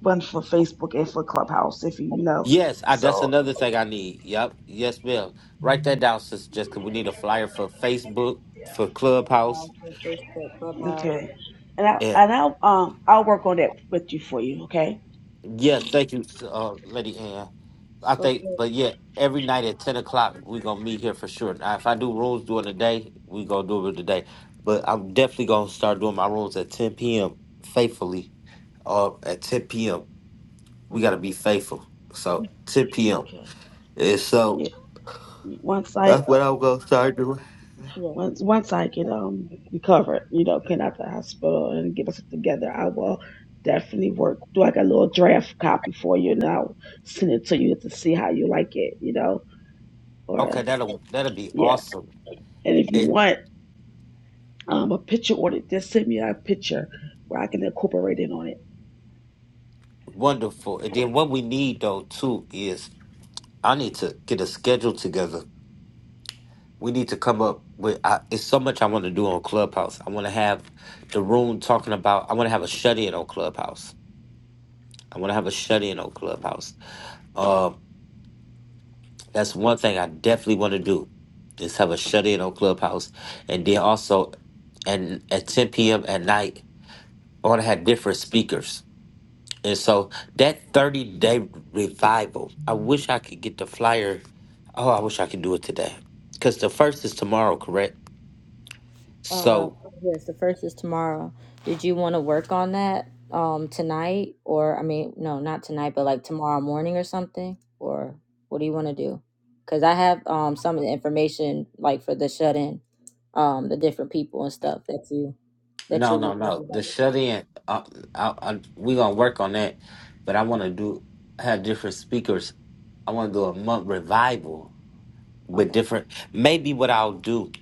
[SPEAKER 6] one for Facebook and for Clubhouse, if you know.
[SPEAKER 2] Yes, I, that's
[SPEAKER 6] So
[SPEAKER 2] another thing I need. Yep. Yes, ma'am. Write that down, sis, just we need a flyer for Facebook, for Clubhouse,
[SPEAKER 1] Facebook, Clubhouse.
[SPEAKER 6] okay, and I and I'll um I'll work on that with you for you. Okay.
[SPEAKER 2] Yes, thank you, uh, Lady Anne. I
[SPEAKER 1] So
[SPEAKER 2] think,
[SPEAKER 1] far.
[SPEAKER 2] but yeah, every night at ten o'clock we gonna meet here for sure. Now, if I do rooms during the day, we gonna do it today. But I'm definitely gonna start doing my rooms at ten p.m. faithfully. Or at ten p.m. We gotta
[SPEAKER 1] Okay.
[SPEAKER 2] be faithful. So ten p.m.
[SPEAKER 6] Okay.
[SPEAKER 2] And
[SPEAKER 6] Yeah.
[SPEAKER 2] so
[SPEAKER 6] Once I
[SPEAKER 2] that's
[SPEAKER 6] uh,
[SPEAKER 2] what I'm gonna start doing.
[SPEAKER 1] Yeah.
[SPEAKER 6] once once I get um recovered, you know, came out the hospital and get myself together, I will definitely work. Do like a little draft copy for you, and I'll send it to you to see how you like it. You know, or
[SPEAKER 2] Okay, that'll that'll be
[SPEAKER 6] yeah.
[SPEAKER 2] awesome
[SPEAKER 6] And if you
[SPEAKER 2] and
[SPEAKER 6] want um a picture on it, just send me a picture where I can incorporate it on it.
[SPEAKER 2] wonderful. And then what we need though too is I need to get a schedule together we need to come up with I, it's so much i want to do on clubhouse i want to have the room talking about i want to have a shut-in on clubhouse i want to have a shut-in on clubhouse uh, that's one thing i definitely want to do is have a shut-in on clubhouse and then also and at 10 p.m at night i want to have different speakers and so that 30 day revival i wish i could get the flyer oh i wish i could do it today because the first is tomorrow correct
[SPEAKER 1] Uh,
[SPEAKER 2] so
[SPEAKER 1] yes, the first is tomorrow. Did you want to work on that um tonight or I mean, no, not tonight, but like tomorrow morning or something? Or what do you want to do? Cuz I have um some of the information like for the shut-in, um the different people and stuff that you that you
[SPEAKER 2] No,
[SPEAKER 1] were
[SPEAKER 2] no,
[SPEAKER 1] talking
[SPEAKER 2] no. The shut in, uh, I, I,
[SPEAKER 1] about.
[SPEAKER 2] we gonna work on that, but I want to do have different speakers. I want to do a month revival with
[SPEAKER 1] Okay.
[SPEAKER 2] different. Maybe what I'll do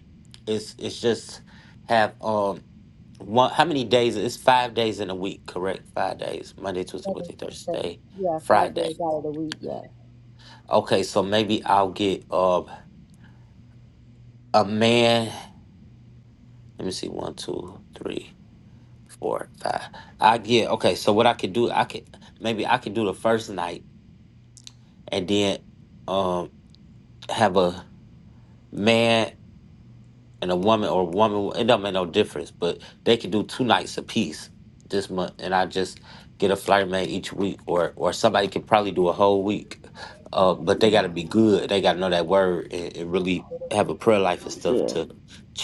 [SPEAKER 2] is is just have um one. How many days? It's five days in a week, correct? Five days: Monday, Tuesday,
[SPEAKER 1] Seven,
[SPEAKER 2] Wednesday,
[SPEAKER 1] seven.
[SPEAKER 2] Thursday,
[SPEAKER 1] Yeah, 5
[SPEAKER 2] Friday.
[SPEAKER 1] days out of the week, yeah.
[SPEAKER 2] Okay, so maybe I'll get um a man. Let me see, one, two, three. four, five. I get okay. So what I could do, I could maybe I could do the first night and then um have a man and a woman or a woman. It don't make no difference, but they could do two nights apiece this month, and I just get a flight man each week, or or somebody could probably do a whole week. Uh,
[SPEAKER 1] Okay.
[SPEAKER 2] but they got to be good. They got to know that word and, and really have a prayer life and stuff
[SPEAKER 6] Yeah.
[SPEAKER 2] to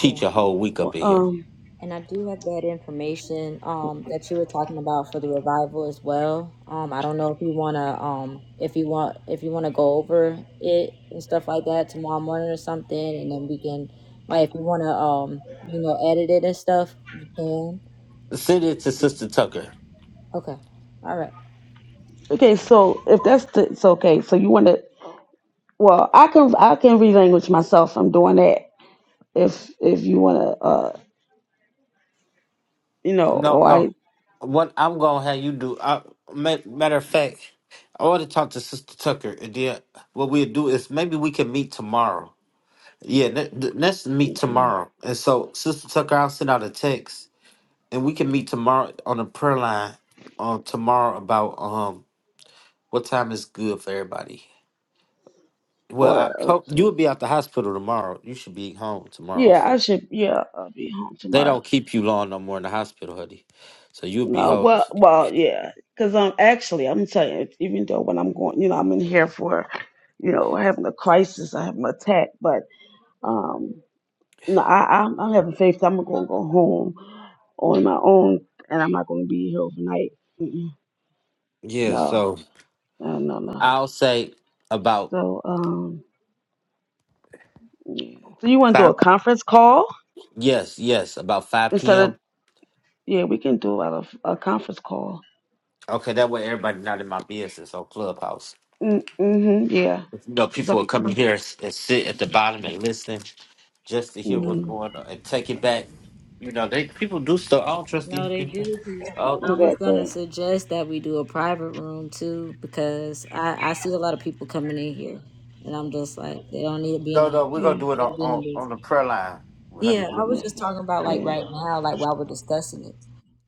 [SPEAKER 1] Yeah.
[SPEAKER 2] your whole week
[SPEAKER 6] Well,
[SPEAKER 2] up in here.
[SPEAKER 6] um.
[SPEAKER 1] And I do have that information um, that you were talking about for the revival as well. Um, I don't know if you wanna um, if you want if you wanna go over it and stuff like that tomorrow morning or something, and then we can like if you wanna um, you know edit it and stuff, you can.
[SPEAKER 2] Send it to Sister Tucker.
[SPEAKER 1] Okay, all right.
[SPEAKER 6] Okay, so if that's the, so okay, so you want to well, I can I can relanguage myself. I'm doing that. If if you want to, uh, you know,
[SPEAKER 2] No,
[SPEAKER 6] or I
[SPEAKER 2] no. What I'm gonna have you do? I, ma- matter of fact, I want to talk to Sister Tucker, and then what we'll do is maybe we can meet tomorrow. Yeah, let- let's meet tomorrow. And so, Sister Tucker, I'll send out a text, and we can meet tomorrow on the prayer line. Um, tomorrow about um what time is good for everybody. Well,
[SPEAKER 6] or
[SPEAKER 2] I hope
[SPEAKER 6] okay,
[SPEAKER 2] you'll be at the hospital tomorrow. You should be home tomorrow,
[SPEAKER 6] yeah, I
[SPEAKER 2] so
[SPEAKER 6] should yeah, I'll be home
[SPEAKER 2] they
[SPEAKER 6] tomorrow.
[SPEAKER 2] don't keep you long no more in the hospital, honey. So you'll be
[SPEAKER 6] No,
[SPEAKER 2] home.
[SPEAKER 6] well, well, yeah, because I'm actually I'm telling you, even though when I'm going, you know, I'm in here for, you know, having a crisis, I have an attack, but um, no, I I'm, I'm having faith. that I'm gonna go home on my own, and I'm not gonna be here overnight. Mm-mm,
[SPEAKER 2] Yeah,
[SPEAKER 6] no.
[SPEAKER 2] so.
[SPEAKER 6] No, no, no.
[SPEAKER 2] I'll say about
[SPEAKER 6] So, um, yeah. So you want to do a
[SPEAKER 2] five.
[SPEAKER 6] conference call
[SPEAKER 2] Yes, yes, about five
[SPEAKER 6] instead of?
[SPEAKER 2] p.m.
[SPEAKER 6] Yeah, we can do out of a conference call.
[SPEAKER 2] Okay, that way everybody not in my business on Clubhouse.
[SPEAKER 6] Mm, hmm Yeah.
[SPEAKER 2] You know,
[SPEAKER 6] It's
[SPEAKER 2] people
[SPEAKER 6] up.
[SPEAKER 2] will come in here s- and sit at the bottom and listen just to hear what's
[SPEAKER 1] Yeah.
[SPEAKER 6] Mm-hmm.
[SPEAKER 2] going on and take it back. You know, they people do stuff. I don't trust
[SPEAKER 1] No,
[SPEAKER 2] these
[SPEAKER 1] they
[SPEAKER 2] people.
[SPEAKER 1] do. 'cause
[SPEAKER 2] Oh
[SPEAKER 1] I was gonna
[SPEAKER 6] Exactly.
[SPEAKER 1] suggest that we do a private room too because I I see a lot of people coming in here, and I'm just like they don't need to be in a
[SPEAKER 2] no, no, we're
[SPEAKER 6] Yeah.
[SPEAKER 2] gonna do it
[SPEAKER 1] they
[SPEAKER 2] on
[SPEAKER 1] need to be in
[SPEAKER 2] on,
[SPEAKER 1] the business.
[SPEAKER 2] on the prayer line, honey.
[SPEAKER 1] Yeah, I
[SPEAKER 2] We're,
[SPEAKER 1] was
[SPEAKER 6] Yeah.
[SPEAKER 1] just talking about like
[SPEAKER 6] yeah.
[SPEAKER 1] right now, like while we're discussing it.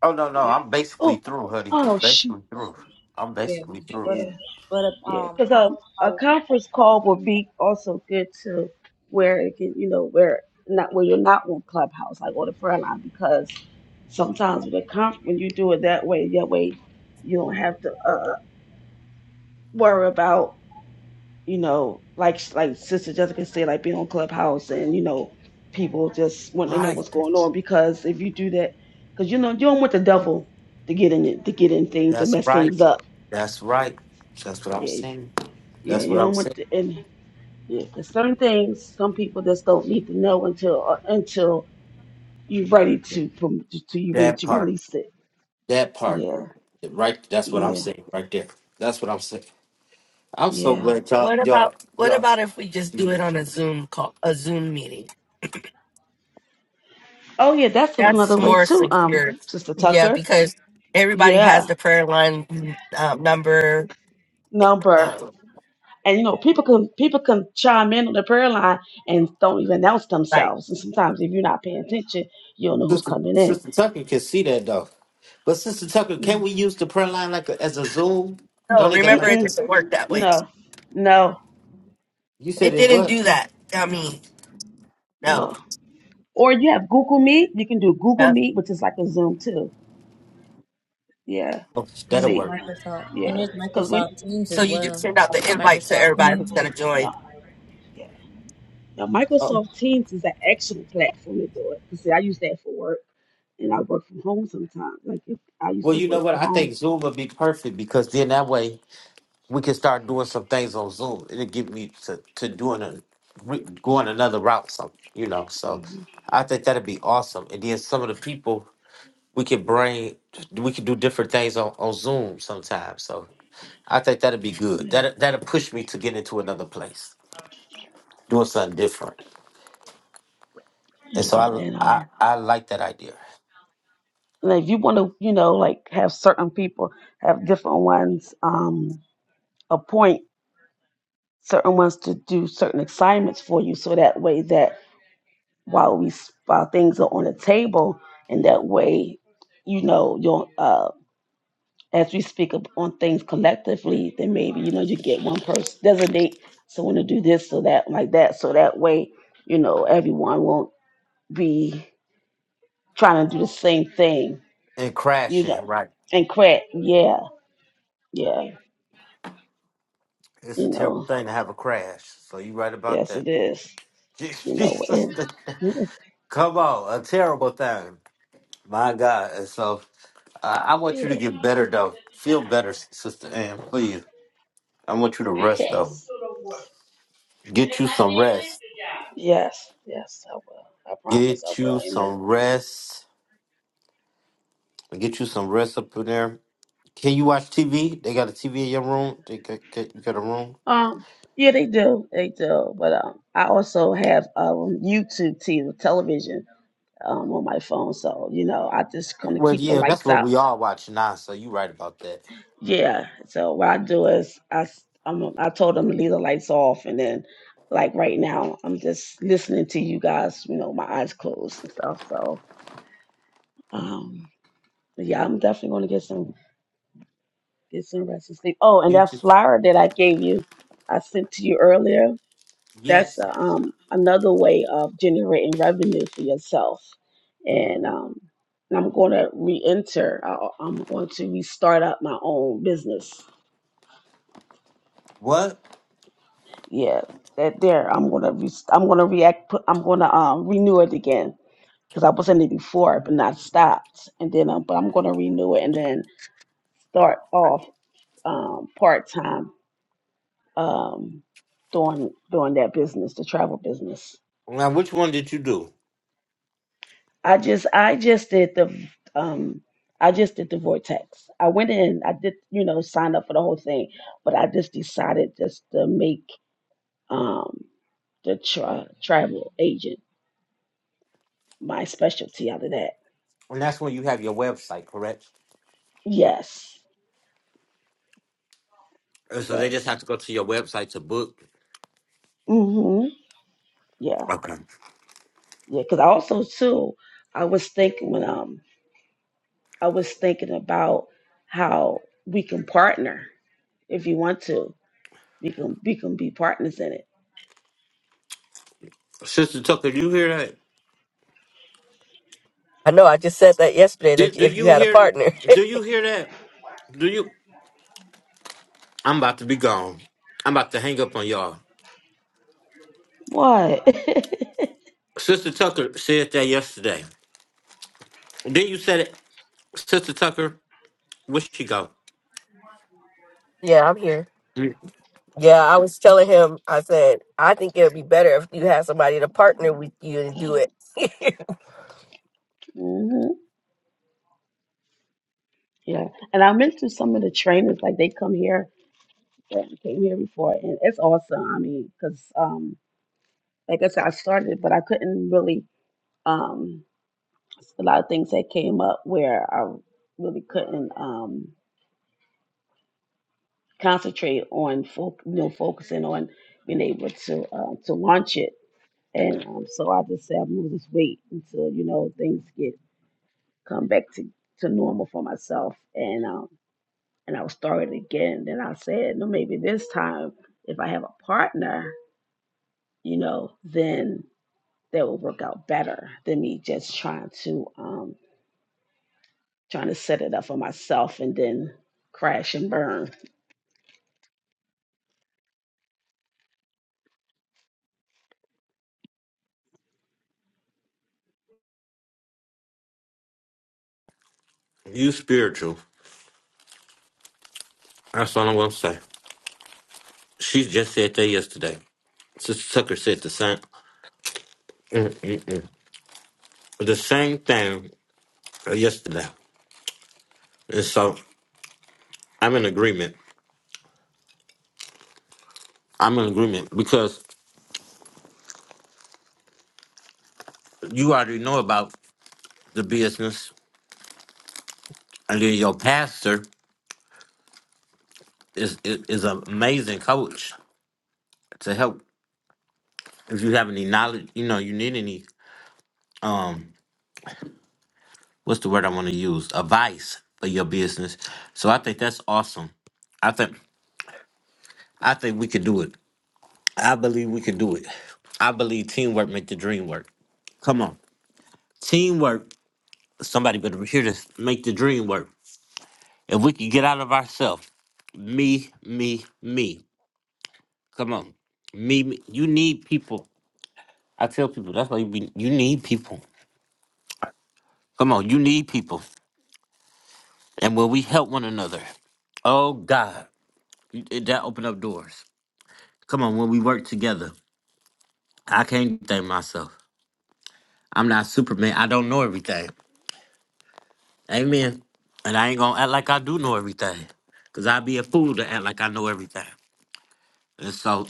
[SPEAKER 2] oh no, no, I'm basically
[SPEAKER 6] Oh.
[SPEAKER 2] through, honey.
[SPEAKER 6] Oh.
[SPEAKER 2] I'm
[SPEAKER 6] Shoot.
[SPEAKER 2] basically through.
[SPEAKER 1] Okay.
[SPEAKER 2] I'm
[SPEAKER 1] Yeah,
[SPEAKER 2] basically through.
[SPEAKER 1] but a,
[SPEAKER 6] Yeah.
[SPEAKER 1] but a
[SPEAKER 6] Yeah.
[SPEAKER 1] um
[SPEAKER 6] Because um,
[SPEAKER 1] conference
[SPEAKER 6] a
[SPEAKER 1] call would be
[SPEAKER 6] conference call would be also good to where it can, you know, where not where you're not on Clubhouse like on the front line because sometimes with a conf when you do it that way, that way you don't have to. uh, worry about, you know, like like Sister Jessica said, like being on Clubhouse and you know, people just wanting to know
[SPEAKER 2] Right.
[SPEAKER 6] what's going on because if you do that, because you know you don't want the devil to get in it, to get in things and
[SPEAKER 2] That's
[SPEAKER 6] mess
[SPEAKER 2] right.
[SPEAKER 6] things up.
[SPEAKER 2] That's right. That's what I'm
[SPEAKER 6] Yeah,
[SPEAKER 2] saying.
[SPEAKER 6] yeah,
[SPEAKER 2] That's
[SPEAKER 6] you
[SPEAKER 2] what I'm
[SPEAKER 6] don't
[SPEAKER 2] saying.
[SPEAKER 6] want to. And yeah, 'cause certain things, some people just don't need to know until uh, until you're ready to from to you ready
[SPEAKER 2] That
[SPEAKER 6] to
[SPEAKER 2] part.
[SPEAKER 6] release it.
[SPEAKER 2] That part.
[SPEAKER 6] Yeah,
[SPEAKER 2] Right. That's what I'm
[SPEAKER 6] yeah,
[SPEAKER 2] saying right there. That's what I'm saying. I'm so
[SPEAKER 6] yeah.
[SPEAKER 2] glad y'all,
[SPEAKER 8] What
[SPEAKER 2] y'all,
[SPEAKER 8] about what
[SPEAKER 2] y'all.
[SPEAKER 8] about if we just do it
[SPEAKER 2] Jesus.
[SPEAKER 8] on a Zoom call, a Zoom meeting?
[SPEAKER 6] Oh yeah, that's another
[SPEAKER 8] That's
[SPEAKER 6] way
[SPEAKER 8] more
[SPEAKER 6] too, um,
[SPEAKER 8] secure.
[SPEAKER 6] Sister
[SPEAKER 8] Yeah,
[SPEAKER 6] Tucker.
[SPEAKER 8] because everybody has
[SPEAKER 6] Yeah,
[SPEAKER 8] the prayer line um, number.
[SPEAKER 6] number.
[SPEAKER 8] Uh,
[SPEAKER 6] And you know, people can people can chime in on the prayer line and don't even announce
[SPEAKER 8] right.
[SPEAKER 6] themselves. And sometimes if you're not paying attention, you don't know who's
[SPEAKER 2] Sister,
[SPEAKER 6] coming in.
[SPEAKER 2] Sister Tucker can see that though. But Sister Tucker, can we use the prayer line like a, as a Zoom?
[SPEAKER 8] No,
[SPEAKER 2] Don't it got
[SPEAKER 8] remember
[SPEAKER 2] like
[SPEAKER 8] it
[SPEAKER 6] Mm-mm,
[SPEAKER 2] that?
[SPEAKER 8] doesn't work that way.
[SPEAKER 6] no, no,
[SPEAKER 2] You said
[SPEAKER 8] It
[SPEAKER 2] it
[SPEAKER 8] didn't do
[SPEAKER 2] was.
[SPEAKER 8] that. I mean, no.
[SPEAKER 6] no. Or you have Google Meet. You can do Google
[SPEAKER 8] Yeah.
[SPEAKER 6] Meet, which is like a Zoom too. Yeah.
[SPEAKER 2] Oh,
[SPEAKER 1] and
[SPEAKER 2] that'll
[SPEAKER 1] there's
[SPEAKER 6] See.
[SPEAKER 2] work.
[SPEAKER 1] Microsoft and
[SPEAKER 6] Yeah.
[SPEAKER 1] there's
[SPEAKER 6] Because when
[SPEAKER 1] Microsoft Teams
[SPEAKER 8] So
[SPEAKER 1] as
[SPEAKER 8] you just
[SPEAKER 1] well.
[SPEAKER 8] send out the invite to
[SPEAKER 1] Microsoft
[SPEAKER 8] everybody who's
[SPEAKER 1] Teams.
[SPEAKER 8] gonna join.
[SPEAKER 6] no. Yeah. Now
[SPEAKER 2] Oh,
[SPEAKER 6] Microsoft Teams is an excellent platform to do it. Because see, I use that for work and I work from home sometimes. Like if I used
[SPEAKER 2] well,
[SPEAKER 6] to
[SPEAKER 2] you know
[SPEAKER 6] work
[SPEAKER 2] what?
[SPEAKER 6] from
[SPEAKER 2] I
[SPEAKER 6] home,
[SPEAKER 2] think Zoom would be perfect because then that way we can start doing some things on Zoom. It'll get me to to doing a re- going another route. Some you know, so
[SPEAKER 6] Mhm.
[SPEAKER 2] I think that'd be awesome. And then some of the people we could bring, we could do different things on on Zoom sometimes. So I think that'd be good. That that'll push me to get into another place, doing something different. And
[SPEAKER 6] you
[SPEAKER 2] so I
[SPEAKER 6] know, and um.
[SPEAKER 2] I, I like that idea.
[SPEAKER 6] And if you want to, you know, like have certain people have different ones um, appoint certain ones to do certain assignments for you, so that way that while we while things are on the table, and that way, you know, you'll uh, as we speak up on things collectively, then maybe you know you get one person designate someone to do this, so that like that, so that way, you know, everyone won't be trying to do the same thing,
[SPEAKER 2] And
[SPEAKER 6] you know,
[SPEAKER 2] crashing, right?
[SPEAKER 6] and crack, yeah, yeah.
[SPEAKER 2] It's
[SPEAKER 6] You
[SPEAKER 2] a terrible
[SPEAKER 6] know,
[SPEAKER 2] thing to have a crash. So you right about
[SPEAKER 6] yes,
[SPEAKER 2] that.
[SPEAKER 6] it is.
[SPEAKER 2] <laughs>
[SPEAKER 6] You know,
[SPEAKER 2] Jesus,
[SPEAKER 6] and <laughs>
[SPEAKER 2] <laughs> come on, a terrible thing. My God. And so I, I want you to
[SPEAKER 6] yes,
[SPEAKER 2] get better, though. Feel better, Sister Ann, please. I want you to rest, though. Get you some rest.
[SPEAKER 6] yes, yes, I will. I promise, I
[SPEAKER 2] Get
[SPEAKER 6] will.
[SPEAKER 2] you some
[SPEAKER 6] Amen.
[SPEAKER 2] rest. Get you some rest up in there. Can you watch TV? They got a TV in your room. They got, got- you got a room.
[SPEAKER 6] Um, yeah, they do, they do. But um, I also have um YouTube TV, television um on my phone, so you know, I just kind of
[SPEAKER 2] Well,
[SPEAKER 6] keep the
[SPEAKER 2] yeah, that's
[SPEAKER 6] lights
[SPEAKER 2] what
[SPEAKER 6] out.
[SPEAKER 2] we all watch now. So you right about that.
[SPEAKER 6] Yeah. So what I do is I s- um, I told them to leave the lights off, and then like right now I'm just listening to you guys. You know, my eyes closed and stuff. So. Um, but yeah, I'm definitely going to get some get some rest and sleep. Oh, and
[SPEAKER 2] You
[SPEAKER 6] that
[SPEAKER 2] just
[SPEAKER 6] flyer that I gave you, I sent to you earlier. That's
[SPEAKER 2] yes.
[SPEAKER 6] uh, um another way of generating revenue for yourself. And um, and I'm going to re-enter. I, I'm going to restart up my own business.
[SPEAKER 2] What?
[SPEAKER 6] Yeah, that there. I'm going to re- I'm going to react. put- I'm going to um renew it again because I was in it before, but not stopped. And then, um, but I'm going to renew it and then start off um part time um, doing doing that business, the travel business.
[SPEAKER 2] Now, which one did you do?
[SPEAKER 6] I just I just did the um, I just did the vortex. I went in, I did you know sign up for the whole thing, but I just decided just to make um, the tra- travel agent my specialty out of that.
[SPEAKER 2] And that's when you have your website, correct?
[SPEAKER 6] Yes,
[SPEAKER 2] And so they just
[SPEAKER 6] yes,
[SPEAKER 2] have to go to your website to book.
[SPEAKER 6] mm-hmm, yeah,
[SPEAKER 2] Okay.
[SPEAKER 6] yeah. Because I also too, I was thinking when um I was thinking about how we can partner if you want to We can we can be partners in it.
[SPEAKER 2] Sister Tucker, do you hear that?
[SPEAKER 8] I know I just said that yesterday that
[SPEAKER 2] Did, do
[SPEAKER 8] if you
[SPEAKER 2] you
[SPEAKER 8] had a
[SPEAKER 2] hear?
[SPEAKER 8] partner.
[SPEAKER 2] Do
[SPEAKER 8] <laughs>
[SPEAKER 2] you hear that? Do you? I'm about to be gone. I'm about to hang up on y'all.
[SPEAKER 6] What?
[SPEAKER 2] Sister Tucker said that yesterday. Then you said it, Sister Tucker. Where she go?
[SPEAKER 8] yeah, I'm here. Yeah, I was telling him, I said, I think it would be better if you had somebody to partner with you and do it. <laughs>
[SPEAKER 6] <laughs> hmm Yeah. And I've been through some of the trainings, like they come here that came here before, and it's awesome. I mean, because um, like I said, I started, but I couldn't really um, a lot of things that came up where I really couldn't um concentrate on fo- you know focusing on being able to uh, to launch it. And um, so I just said I'm gonna just wait until you know things get come back to, to normal for myself and um and I'll start it again. Then I said, no, maybe this time if I have a partner, you know, then that will work out better than me just trying to um trying to set it up for myself and then crash and burn.
[SPEAKER 2] You spiritual. That's all I'm gonna say. She just said that yesterday. Sister Tucker said the same, Mm-mm-mm. the same thing yesterday, and so I'm in agreement. I'm in agreement because you already know about the business, and then your pastor. is is is an amazing coach to help if you have any knowledge, you know, you need any um what's the word I want to use? Advice for your business. So I think that's awesome. I think I think we could do it. I believe we could do it. I believe teamwork make the dream work. Come on. Teamwork. Somebody better hear this. Make the dream work. If we could get out of ourselves, me, me, me. Come on. Me, me. You need people. I tell people that's why you, be, you need people. Come on, you need people. And when we help one another, oh God, it- that open up doors. Come on, when we work together, I can't thank myself. I'm not Superman. I don't know everything. Amen. And I ain't gonna act like I do know everything. Cause I'd be a fool to act like I know everything. And so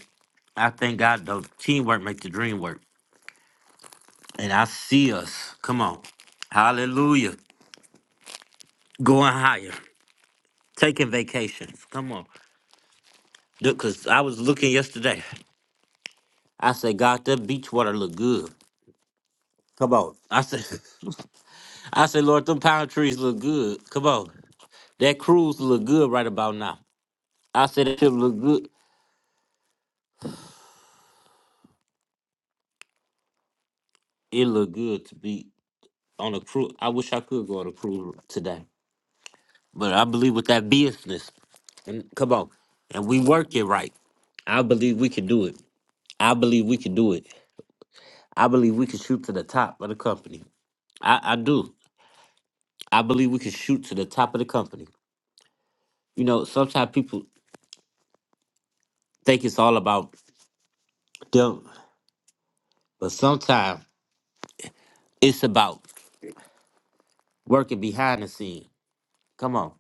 [SPEAKER 2] I thank God though teamwork make the dream work. And I see us. Come on. Hallelujah. Going higher. Taking vacations. Come on. cause I was looking yesterday. I said, God, that beach water look good. Come on. I said, <laughs> I said, Lord, them pine trees look good. Come on. That cruise look good right about now. I said it should look good. It look good to be on a cruise. I wish I could go on a cruise today. But I believe with that business, and come on, and we work it right. I believe we can do it. I believe we can do it. I believe we can shoot to the top of the company. I, I do. I believe we can shoot to the top of the company. You know, sometimes people think it's all about them, but sometimes It's about working behind the scene. Come on.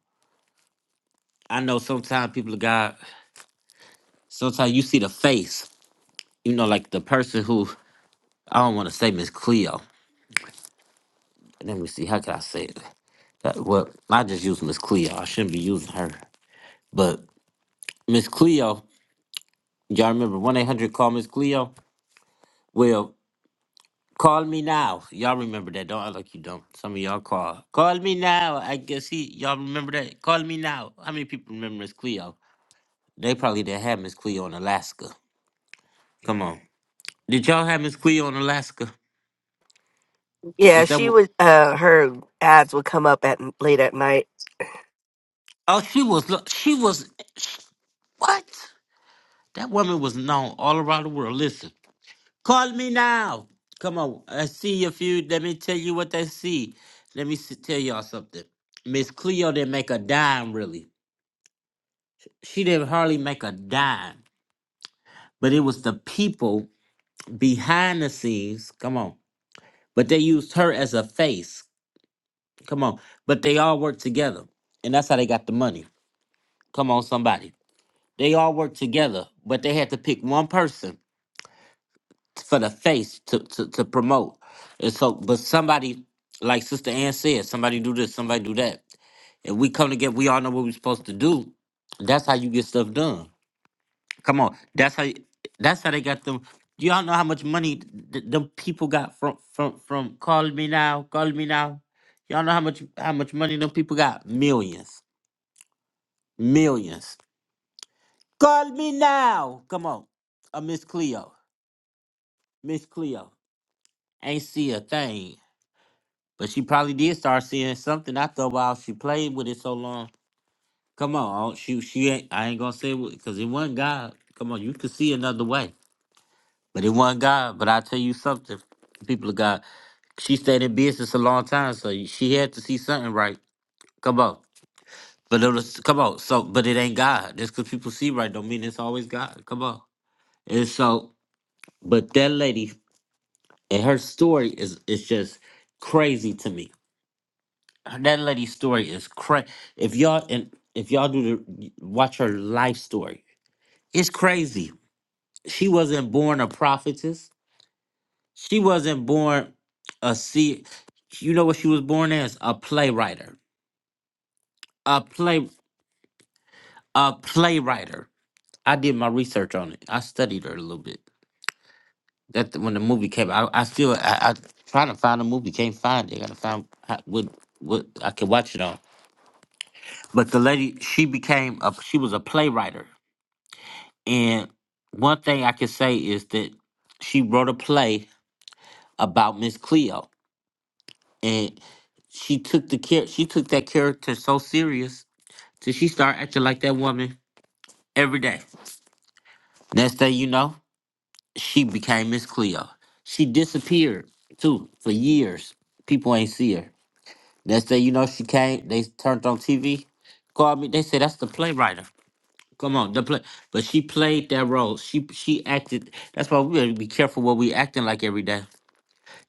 [SPEAKER 2] I know sometimes people of God, sometimes you see the face, you know, like the person who, I don't want to say Miss Cleo. Let me see, how can I say it? That, well, I just use Miss Cleo. I shouldn't be using her. But Miss Cleo, y'all remember 1 800 call Miss Cleo? Well, call me now. Y'all remember that. Don't act like you don't. Some of y'all call. Call me now. I guess he, y'all remember that? Call me now. How many people remember Miss Cleo? They probably didn't have Miss Cleo in Alaska. Come on. Did y'all have Miss Cleo in Alaska?
[SPEAKER 8] yeah,
[SPEAKER 2] Was that
[SPEAKER 8] she
[SPEAKER 2] what?
[SPEAKER 8] would, uh, her ads would come up at late at night.
[SPEAKER 2] Oh, she was. look, She was. What? That woman was known all around the world. Listen, call me now. Come on. I see a few. Let me tell you what I see. Let me s- tell y'all something. Miss Cleo didn't make a dime, really. She didn't hardly make a dime. But it was the people behind the scenes. Come on. But they used her as a face. Come on. But they all worked together. And that's how they got the money. Come on, somebody. They all worked together, but they had to pick one person for the face to, to, to promote. And so, but somebody, like Sister Ann said, somebody do this, somebody do that. And we come together, we all know what we're supposed to do. That's how you get stuff done. Come on, that's how. That's how they got them. Y'all know how much money th- th- them people got from from from calling me now, calling me now. Y'all know how much how much money them people got? Millions, millions. Call me now. Come on, a Miss Cleo. Miss Cleo. Ain't see a thing. But she probably did start seeing something after a while. She played with it so long. Come on, she she ain't I ain't gonna say because it wasn't God. Come on, you could see another way. But it wasn't God. But I tell you something, people of God. She stayed in business a long time, so she had to see something right. Come on. But it was come on. So but it ain't God. Just cause people see right don't mean it's always God. Come on. And so but that lady and her story is is just crazy to me that lady's story is crazy. If y'all and if y'all do the watch her life story, it's crazy. She wasn't born a prophetess. She wasn't born a see. You know what she was born as? A playwright. A play. A playwright. I did my research on it. I studied her a little bit. That when the movie came, out, I, I still I, I trying to find the movie. Can't find it. Gotta find how, what what I can watch it on. But the lady, she became a she was a playwright. And one thing I can say is that she wrote a play about Miss Cleo, and she took the care she took that character so serious till she started acting like that woman every day. Next thing you know, she became Miss Cleo. She disappeared too for years. People ain't see her. Next thing you know, she came. They turned on TV, called me. They said that's the playwright. Come on, the play. But she played that role. She she acted. That's why we gotta be careful what we acting like every day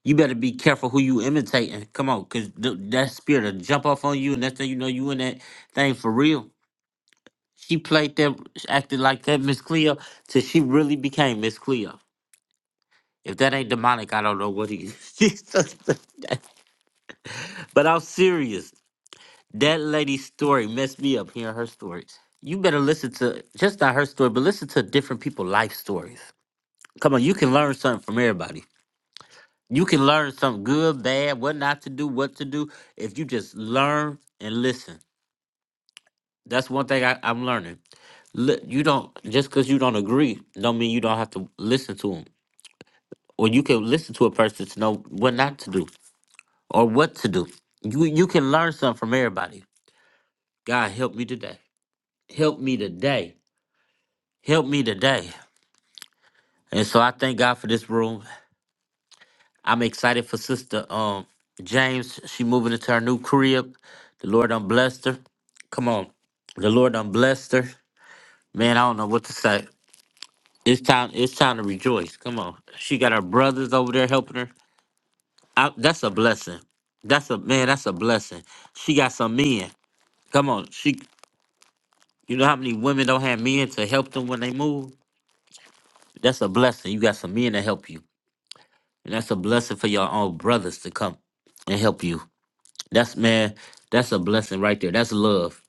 [SPEAKER 2] You better be careful who you imitating. Come on, cause th- that spirit will jump off on you, and next thing you know, you in that thing for real. She played that, acted like that Miss Cleo, till she really became Miss Cleo. If that ain't demonic, I don't know what is. <laughs> but I'm serious. That lady's story messed me up hearing her stories. You better listen to just not her story, but listen to different people's life stories. Come on, you can learn something from everybody. You can learn something good, bad, what not to do, what to do, if you just learn and listen. That's one thing I, I'm learning. Li- You don't just because you don't agree, don't mean you don't have to listen to them, or you can listen to a person to know what not to do or what to do. You you can learn something from everybody. God help me today. Help me today. Help me today. And so I thank God for this room. I'm excited for Sister um James. She moving into her new crib. The Lord done blessed her. Come on. The Lord done blessed her. Man, I don't know what to say. It's time. It's time to rejoice. Come on. She got her brothers over there helping her. I, that's a blessing. That's a man. That's a blessing. She got some men. Come on. She. You know how many women don't have men to help them when they move? That's a blessing. You got some men to help you, and that's a blessing for your own brothers to come and help you. That's man, that's a blessing right there. That's love.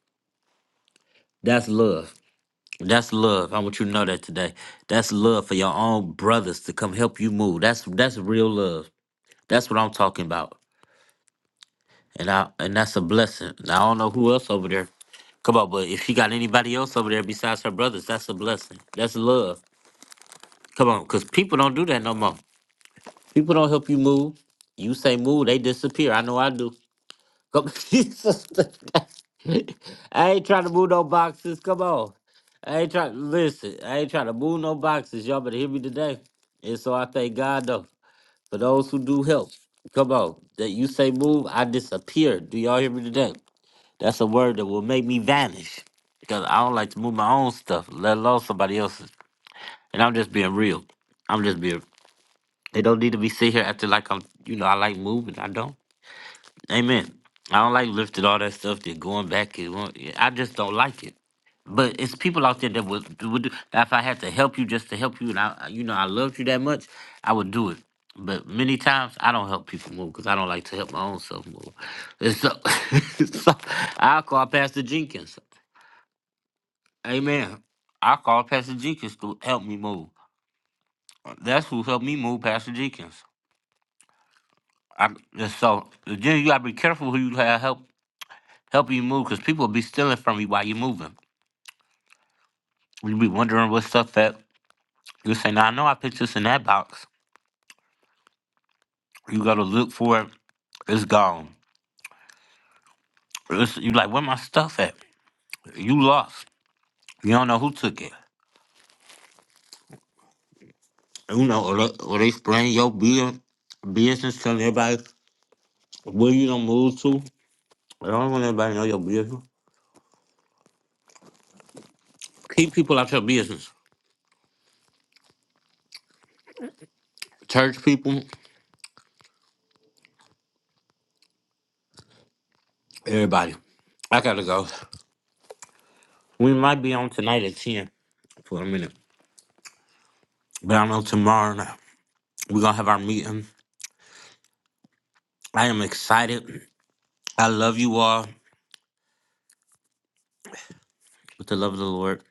[SPEAKER 2] That's love. That's love. I want you to know that today. That's love for your own brothers to come help you move. That's that's real love. That's what I'm talking about. And I and that's a blessing. Now, I don't know who else over there. Come on, but if she got anybody else over there besides her brothers, that's a blessing. That's love. Come on, cause people don't do that no more. People don't help you move. You say move, they disappear. I know I do. Come, <laughs> Jesus, I ain't trying to move no boxes. Come on, I ain't trying. Listen, I ain't trying to move no boxes. Y'all better hear me today. And so I thank God though for those who do help. Come on, that you say move, I disappear. Do y'all hear me today? That's a word that will make me vanish because I don't like to move my own stuff, let alone somebody else's. And I'm just being real. I'm just being. They don't need to be sitting here acting like I'm. You know, I like moving. I don't. Amen. I don't like lifting all that stuff. That going back. and going- yeah, I just don't like it. But it's people out there that would, would do. If I had to help you just to help you, and I, you know, I loved you that much, I would do it. But many times I don't help people move because I don't like to help my own self move. And so, <laughs> so I call Pastor Jenkins. Amen. I call Pastor Jenkins to help me move. That's who helped me move, Pastor Jenkins. I, and so, Jenny, you gotta be careful who you have help help you move because people will be stealing from you while you're moving. you be wondering what stuff at. You say, "Now I know I put this in that box." You go to look for it. It's gone. It's, you like, where my stuff at? You lost. You don't know who took it. You know, or they, or they spraying your bill, business, telling everybody where you don't move to. I don't want everybody to know your business. Keep people out your business. Church people, everybody. I gotta go. We might be on tonight at ten for a minute, but I don't know tomorrow. We're gonna have our meeting. I am excited. I love you all with the love of the Lord.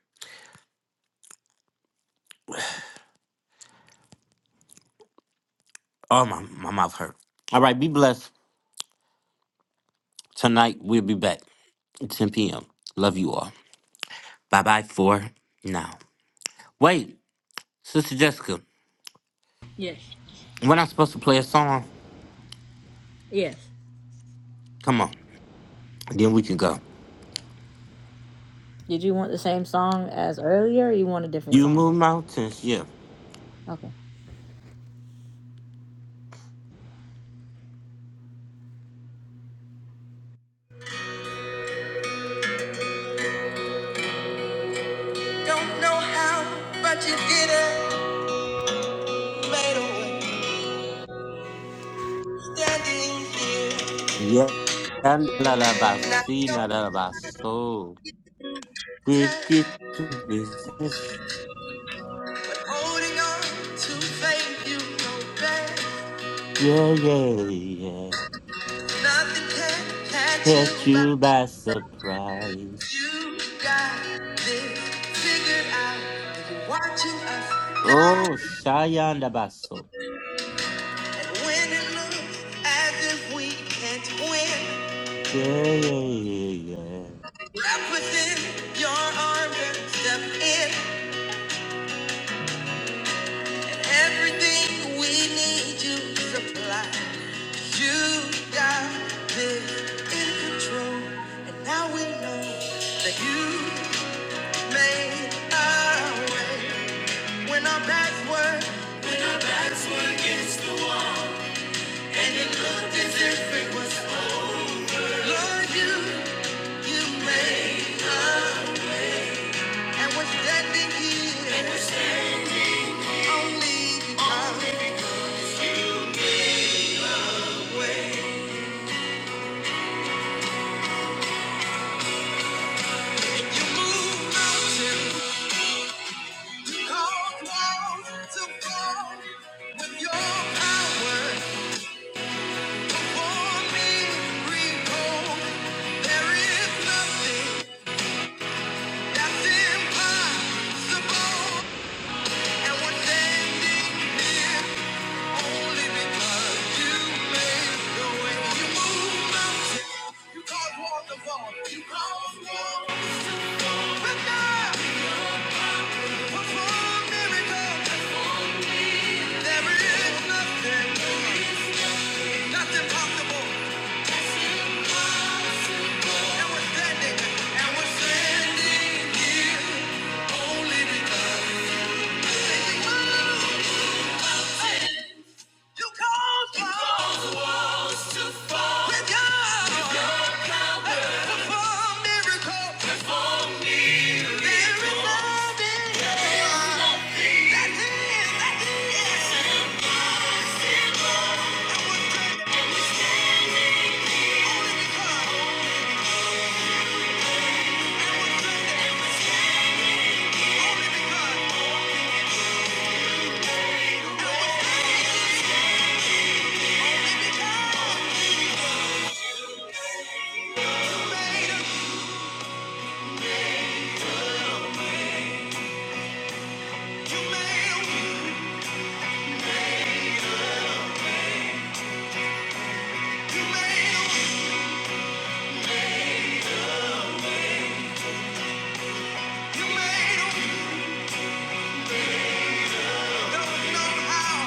[SPEAKER 2] Oh my my mouth hurt. All right, be blessed. Tonight we'll be back at 10 p.m. Love you all. Bye bye for now. Wait, Sister Jessica,
[SPEAKER 1] Yes.
[SPEAKER 2] we're not supposed to play a song.
[SPEAKER 1] Yes.
[SPEAKER 2] Come on, then we can go.
[SPEAKER 1] Did you want the same song as earlier? or You want a different
[SPEAKER 2] You
[SPEAKER 1] song?
[SPEAKER 2] move mountains, yeah,
[SPEAKER 1] Okay. Don't know how, but you did it. Made a way. Standing here,
[SPEAKER 2] yeah. And la la ba
[SPEAKER 1] and I
[SPEAKER 2] si na la la
[SPEAKER 1] don't
[SPEAKER 2] ba so. We get
[SPEAKER 1] tell.
[SPEAKER 2] to business,
[SPEAKER 1] Holding on to faith, you know best.
[SPEAKER 2] yeah, yeah, yeah.
[SPEAKER 1] Nothing can catch you
[SPEAKER 2] Catch
[SPEAKER 1] but
[SPEAKER 2] you by surprise.
[SPEAKER 1] you got this figured out. And you're watching us now.
[SPEAKER 2] Oh, Shayan Dabaso.
[SPEAKER 1] And when it looks as if we can't win,
[SPEAKER 2] Yeah, yeah, yeah, yeah.
[SPEAKER 1] wrap within your arms and step in. And everything we need you supply. You got this in control. And now we know that you made a way. When our backs were, when our backs were against the wall, and it looked as if it was over. Lord, you, you made us, and we're standing here, and we're standing only because only because you moved mountains, you caused walls to fall. With your power, before me reborn, there is nothing that's impossible. And we're standing here only because you made the way. You move mountains, you cause waterfalls, you cause walls. But now, perform There is nothing, that's impossible. And we're standing, and we're standing here only because. You made 'em, you made 'em, Don't know how,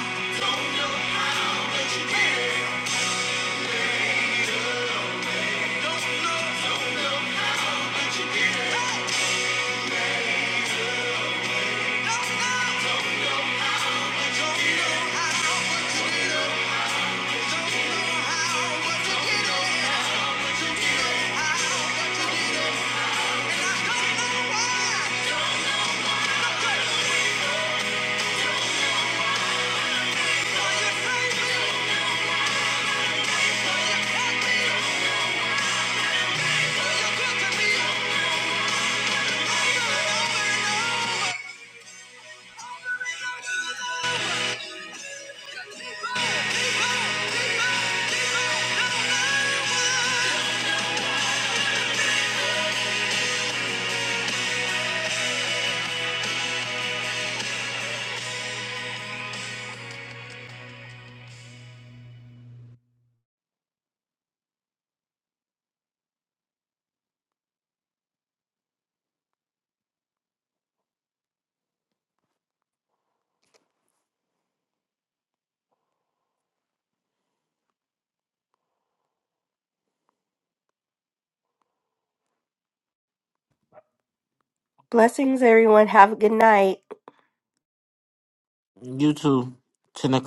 [SPEAKER 1] don't know. Keep on, keep on, keep on, keep on, no, no, no. no.
[SPEAKER 8] Blessings, everyone. Have a good night.
[SPEAKER 2] yeah. You too. 10 o'clock.